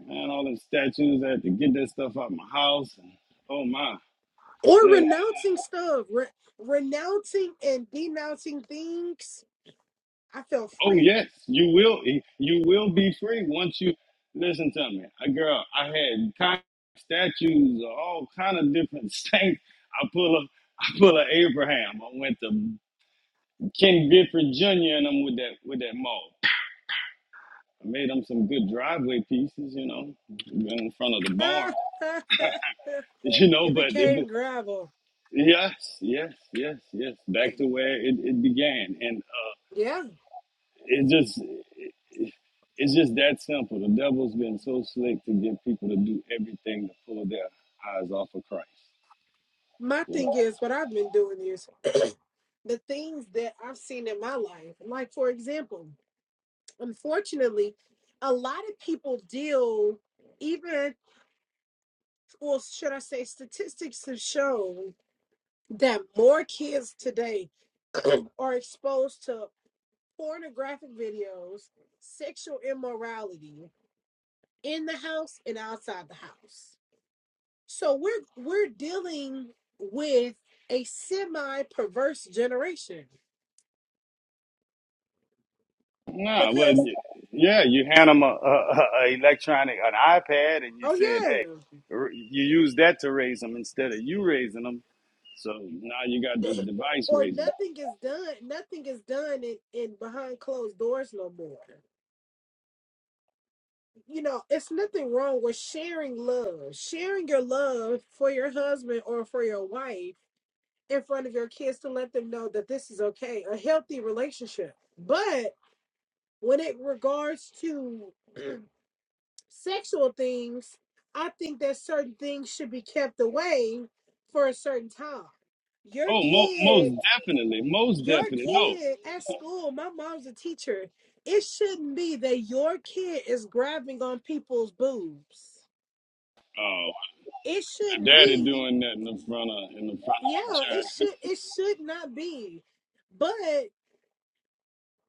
Man, all them statues, I had to get that stuff out my house. And, oh my,
Or
yeah, yeah.
renouncing stuff. Re- renouncing and denouncing things. I felt
Oh
free.
yes, you will. eh, You will be free once you listen to me, I, girl. I had kind of statues of all kind of different saints. I pull up. I pull a Abraham. I went to Ken Gifford Jr. and I'm with that with that mall. I made them some good driveway pieces, you know, in front of the barn,
it
you know. But
became
it,
gravel.
yes, yes, yes, yes. Back to where it, it began, and uh,
Yeah.
It just it's just that simple. The devil's been so slick to get people to do everything to pull their eyes off of Christ.
My
You
thing
know?
is what I've been doing is the things that I've seen in my life. Like, for example, unfortunately, a lot of people deal, even, or should I say, statistics have shown that more kids today are exposed to pornographic videos, sexual immorality in the house and outside the house. So we're we're dealing with a semi perverse generation
No, well,
because
y- yeah, you hand them a, a, a a electronic, an iPad, and you
oh
said, hey,
yeah
r- you use that to raise them instead of you raising them. So now you got this device
or
raising. 'em.
nothing is done nothing is done in, in behind closed doors no more you know it's nothing wrong with sharing love sharing your love for your husband or for your wife in front of your kids to let them know that this is okay a healthy relationship but when it regards to sexual things i think that certain things should be kept away for a certain time your
Oh, mo-
kid.
most definitely, most
your
definitely, no.
kid at school, my mom's a teacher. It shouldn't be that your kid is grabbing on people's boobs.
Oh,
It
the
shouldn't
daddy
be.
doing that in the front of in the front of the
Yeah,
church.
it should it should not be. But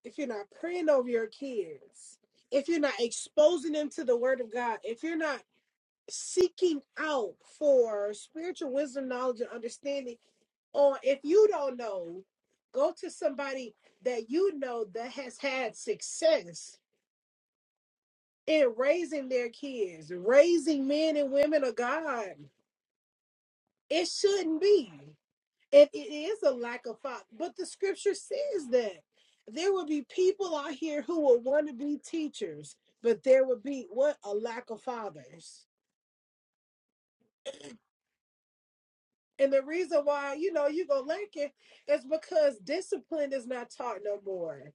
if you're not praying over your kids, if you're not exposing them to the word of God, if you're not seeking out for spiritual wisdom, knowledge, and understanding, or if you don't know, go to somebody that you know that has had success in raising their kids, raising men and women of God. It shouldn't be. It, it is a lack of thought, but the scripture says that there will be people out here who will want to be teachers, but there will be what a lack of fathers. And the reason why you know you go lack it is because discipline is not taught no more.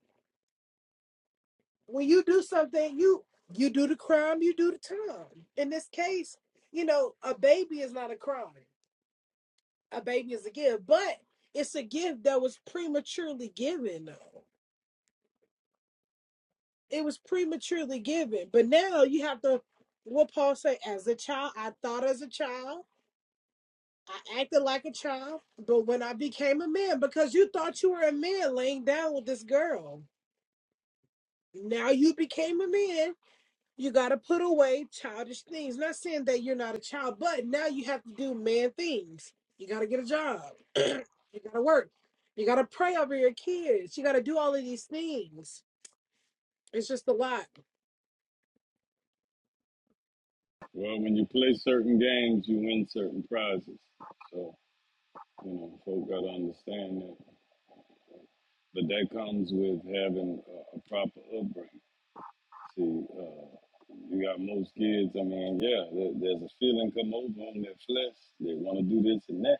When you do something, you you do the crime, you do the time. In this case, you know, a baby is not a crime. a baby is a gift, but it's a gift that was prematurely given though. It was prematurely given. But now you have to what Paul say, as a child, I thought as a child, I acted like a child, but when I became a man, because you thought you were a man laying down with this girl. Now you became a man You got to put away childish things. Not saying that you're not a child, but now you have to do man things. You got to get a job. you got to work. You got to pray over your kids. You got to do all of these things. It's just a lot.
Well, when you play certain games, you win certain prizes. So, you know, folk got to understand that. But that comes with having a, a proper upbringing. See, uh, you got most kids, I mean, yeah, there, there's a feeling come over on their flesh. They want to do this and that,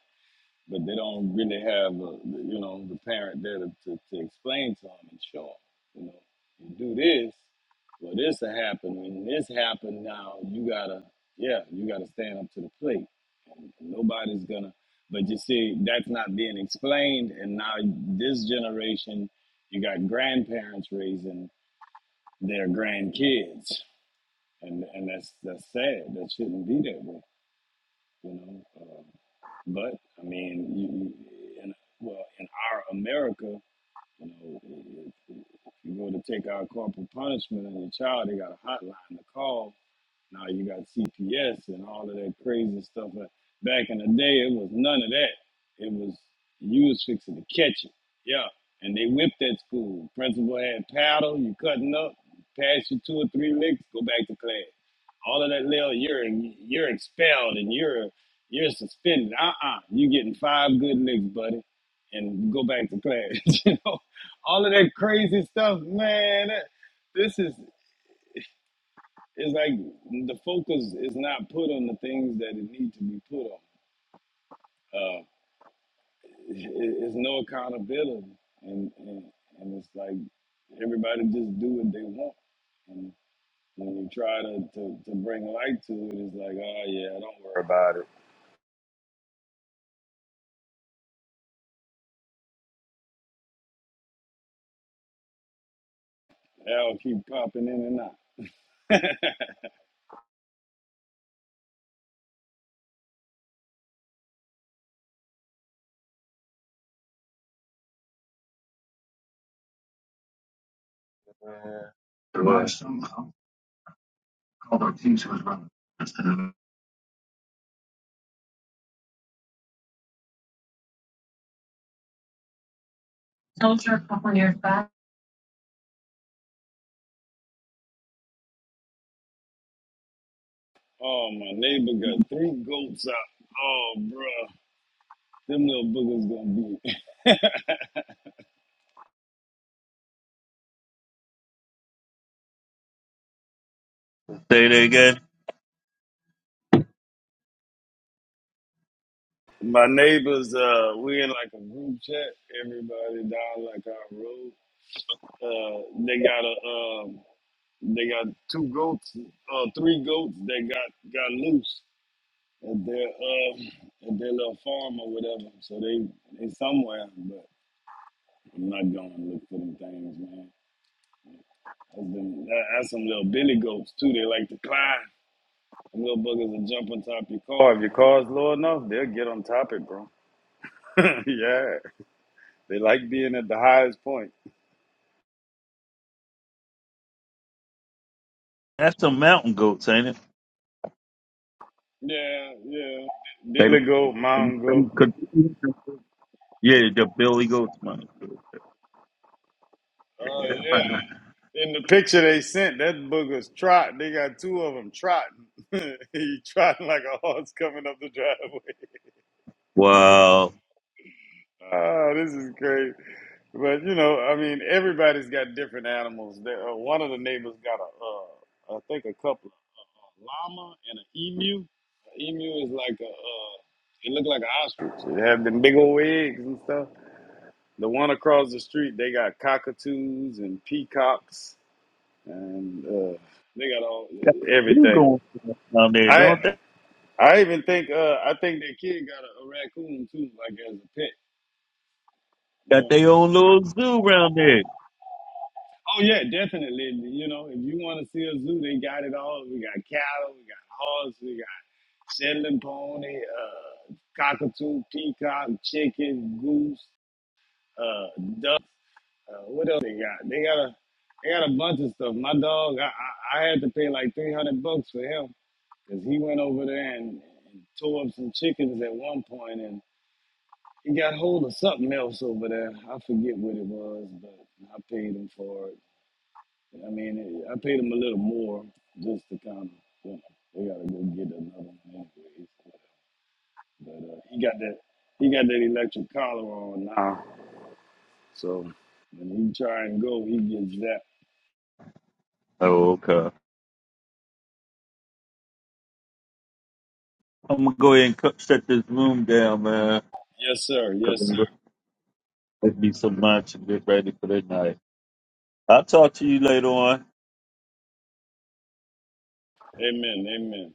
but they don't really have, a, you know, the parent there to, to, to explain to them and show them, you know, you do this, well, this will happen. When this happened now, you got to, yeah, you got to stand up to the plate Nobody's gonna. But you see, that's not being explained, and now this generation, you got grandparents raising their grandkids, and and that's that's sad. That shouldn't be that way, you know. Uh, but I mean, you, you, in, well, in our America, you know, if, if you go to take our corporal punishment on your child, they got a hotline to call now you got CPS and all of that crazy stuff. But back in the day, it was none of that. It was you was fixing to catch it. Yeah. And they whipped at school. Principal had paddle, you cutting up, pass you two or three licks, go back to class. All of that little, you're you're expelled and you're you're suspended. Uh-uh. You getting five good licks, buddy. And go back to class. you know, all of that crazy stuff, man. that- this is it's like the focus is not put on the things that it needs to be put on. Uh, it, it's no accountability, and, and and it's like everybody just do what they want. And when you try to, to, to bring light to it, it's like, oh yeah, don't worry about it. That'll keep popping in and out.
Say
Oh, my neighbor got three goats out. Oh, bruh. Them little boogers gonna be.
that again.
my neighbors, uh, we in like a group chat. Everybody down like our road Uh, they got a um, they got two goats, uh, three goats that got got loose at their um, at their little farm or whatever. So they they somewhere, but I'm not going to look for them things, man. That's, them, that, that's some little billy goats too. They like to climb. Them little buggers will jump on top of your car. If your car's low enough, they'll get on top it, bro. yeah, they like being at the highest point.
That's some mountain goats, ain't it?
Yeah, yeah.
They,
Billy goat, mountain
them,
goat.
could- yeah, the Billy Goats money.
Oh yeah. In the picture they sent, that booger's trot. They got two of them trotting. he trotting like a horse coming up the driveway.
Wow.
Ah, this is crazy. But you know, I mean, everybody's got different animals. There, uh, one of the neighbors got a, uh, I think a couple, a llama and an emu. An emu is like a, uh, it looked like an ostrich. It had them big old eggs and stuff. The one across the street, they got cockatoos and peacocks, and uh, they got all
Yeah, we
everything.
going down there,
I
don't they?
I even think uh I think that kid got a, a raccoon too, like as a pet. you
Got
know.
their own little zoo around there.
Oh yeah, definitely. You know, if you want to see a zoo, they got it all. We got cattle, we got horse, we got Shetland pony, uh, cockatoo, peacock, chicken, goose, uh, duck. Uh, what else they got? They got a they got a bunch of stuff. My dog, I I, I had to pay like three hundred bucks for him because he went over there and, and tore up some chickens at one point, and. He got hold of something else over there. I forget what it was, but I paid him for it. I mean, it, I paid him a little more just to kind of, you know, they gotta go get another one anyways. But uh, he got that, he got that electric collar on now. So when he try and go, he gets that.
Oh, okay. I'm gonna go ahead and cut, shut this room down, man.
Yes, sir.
Cause
Yes,
I'm gonna be some lunch and get ready for the night. I'll talk to you later on.
sir. Amen. Amen.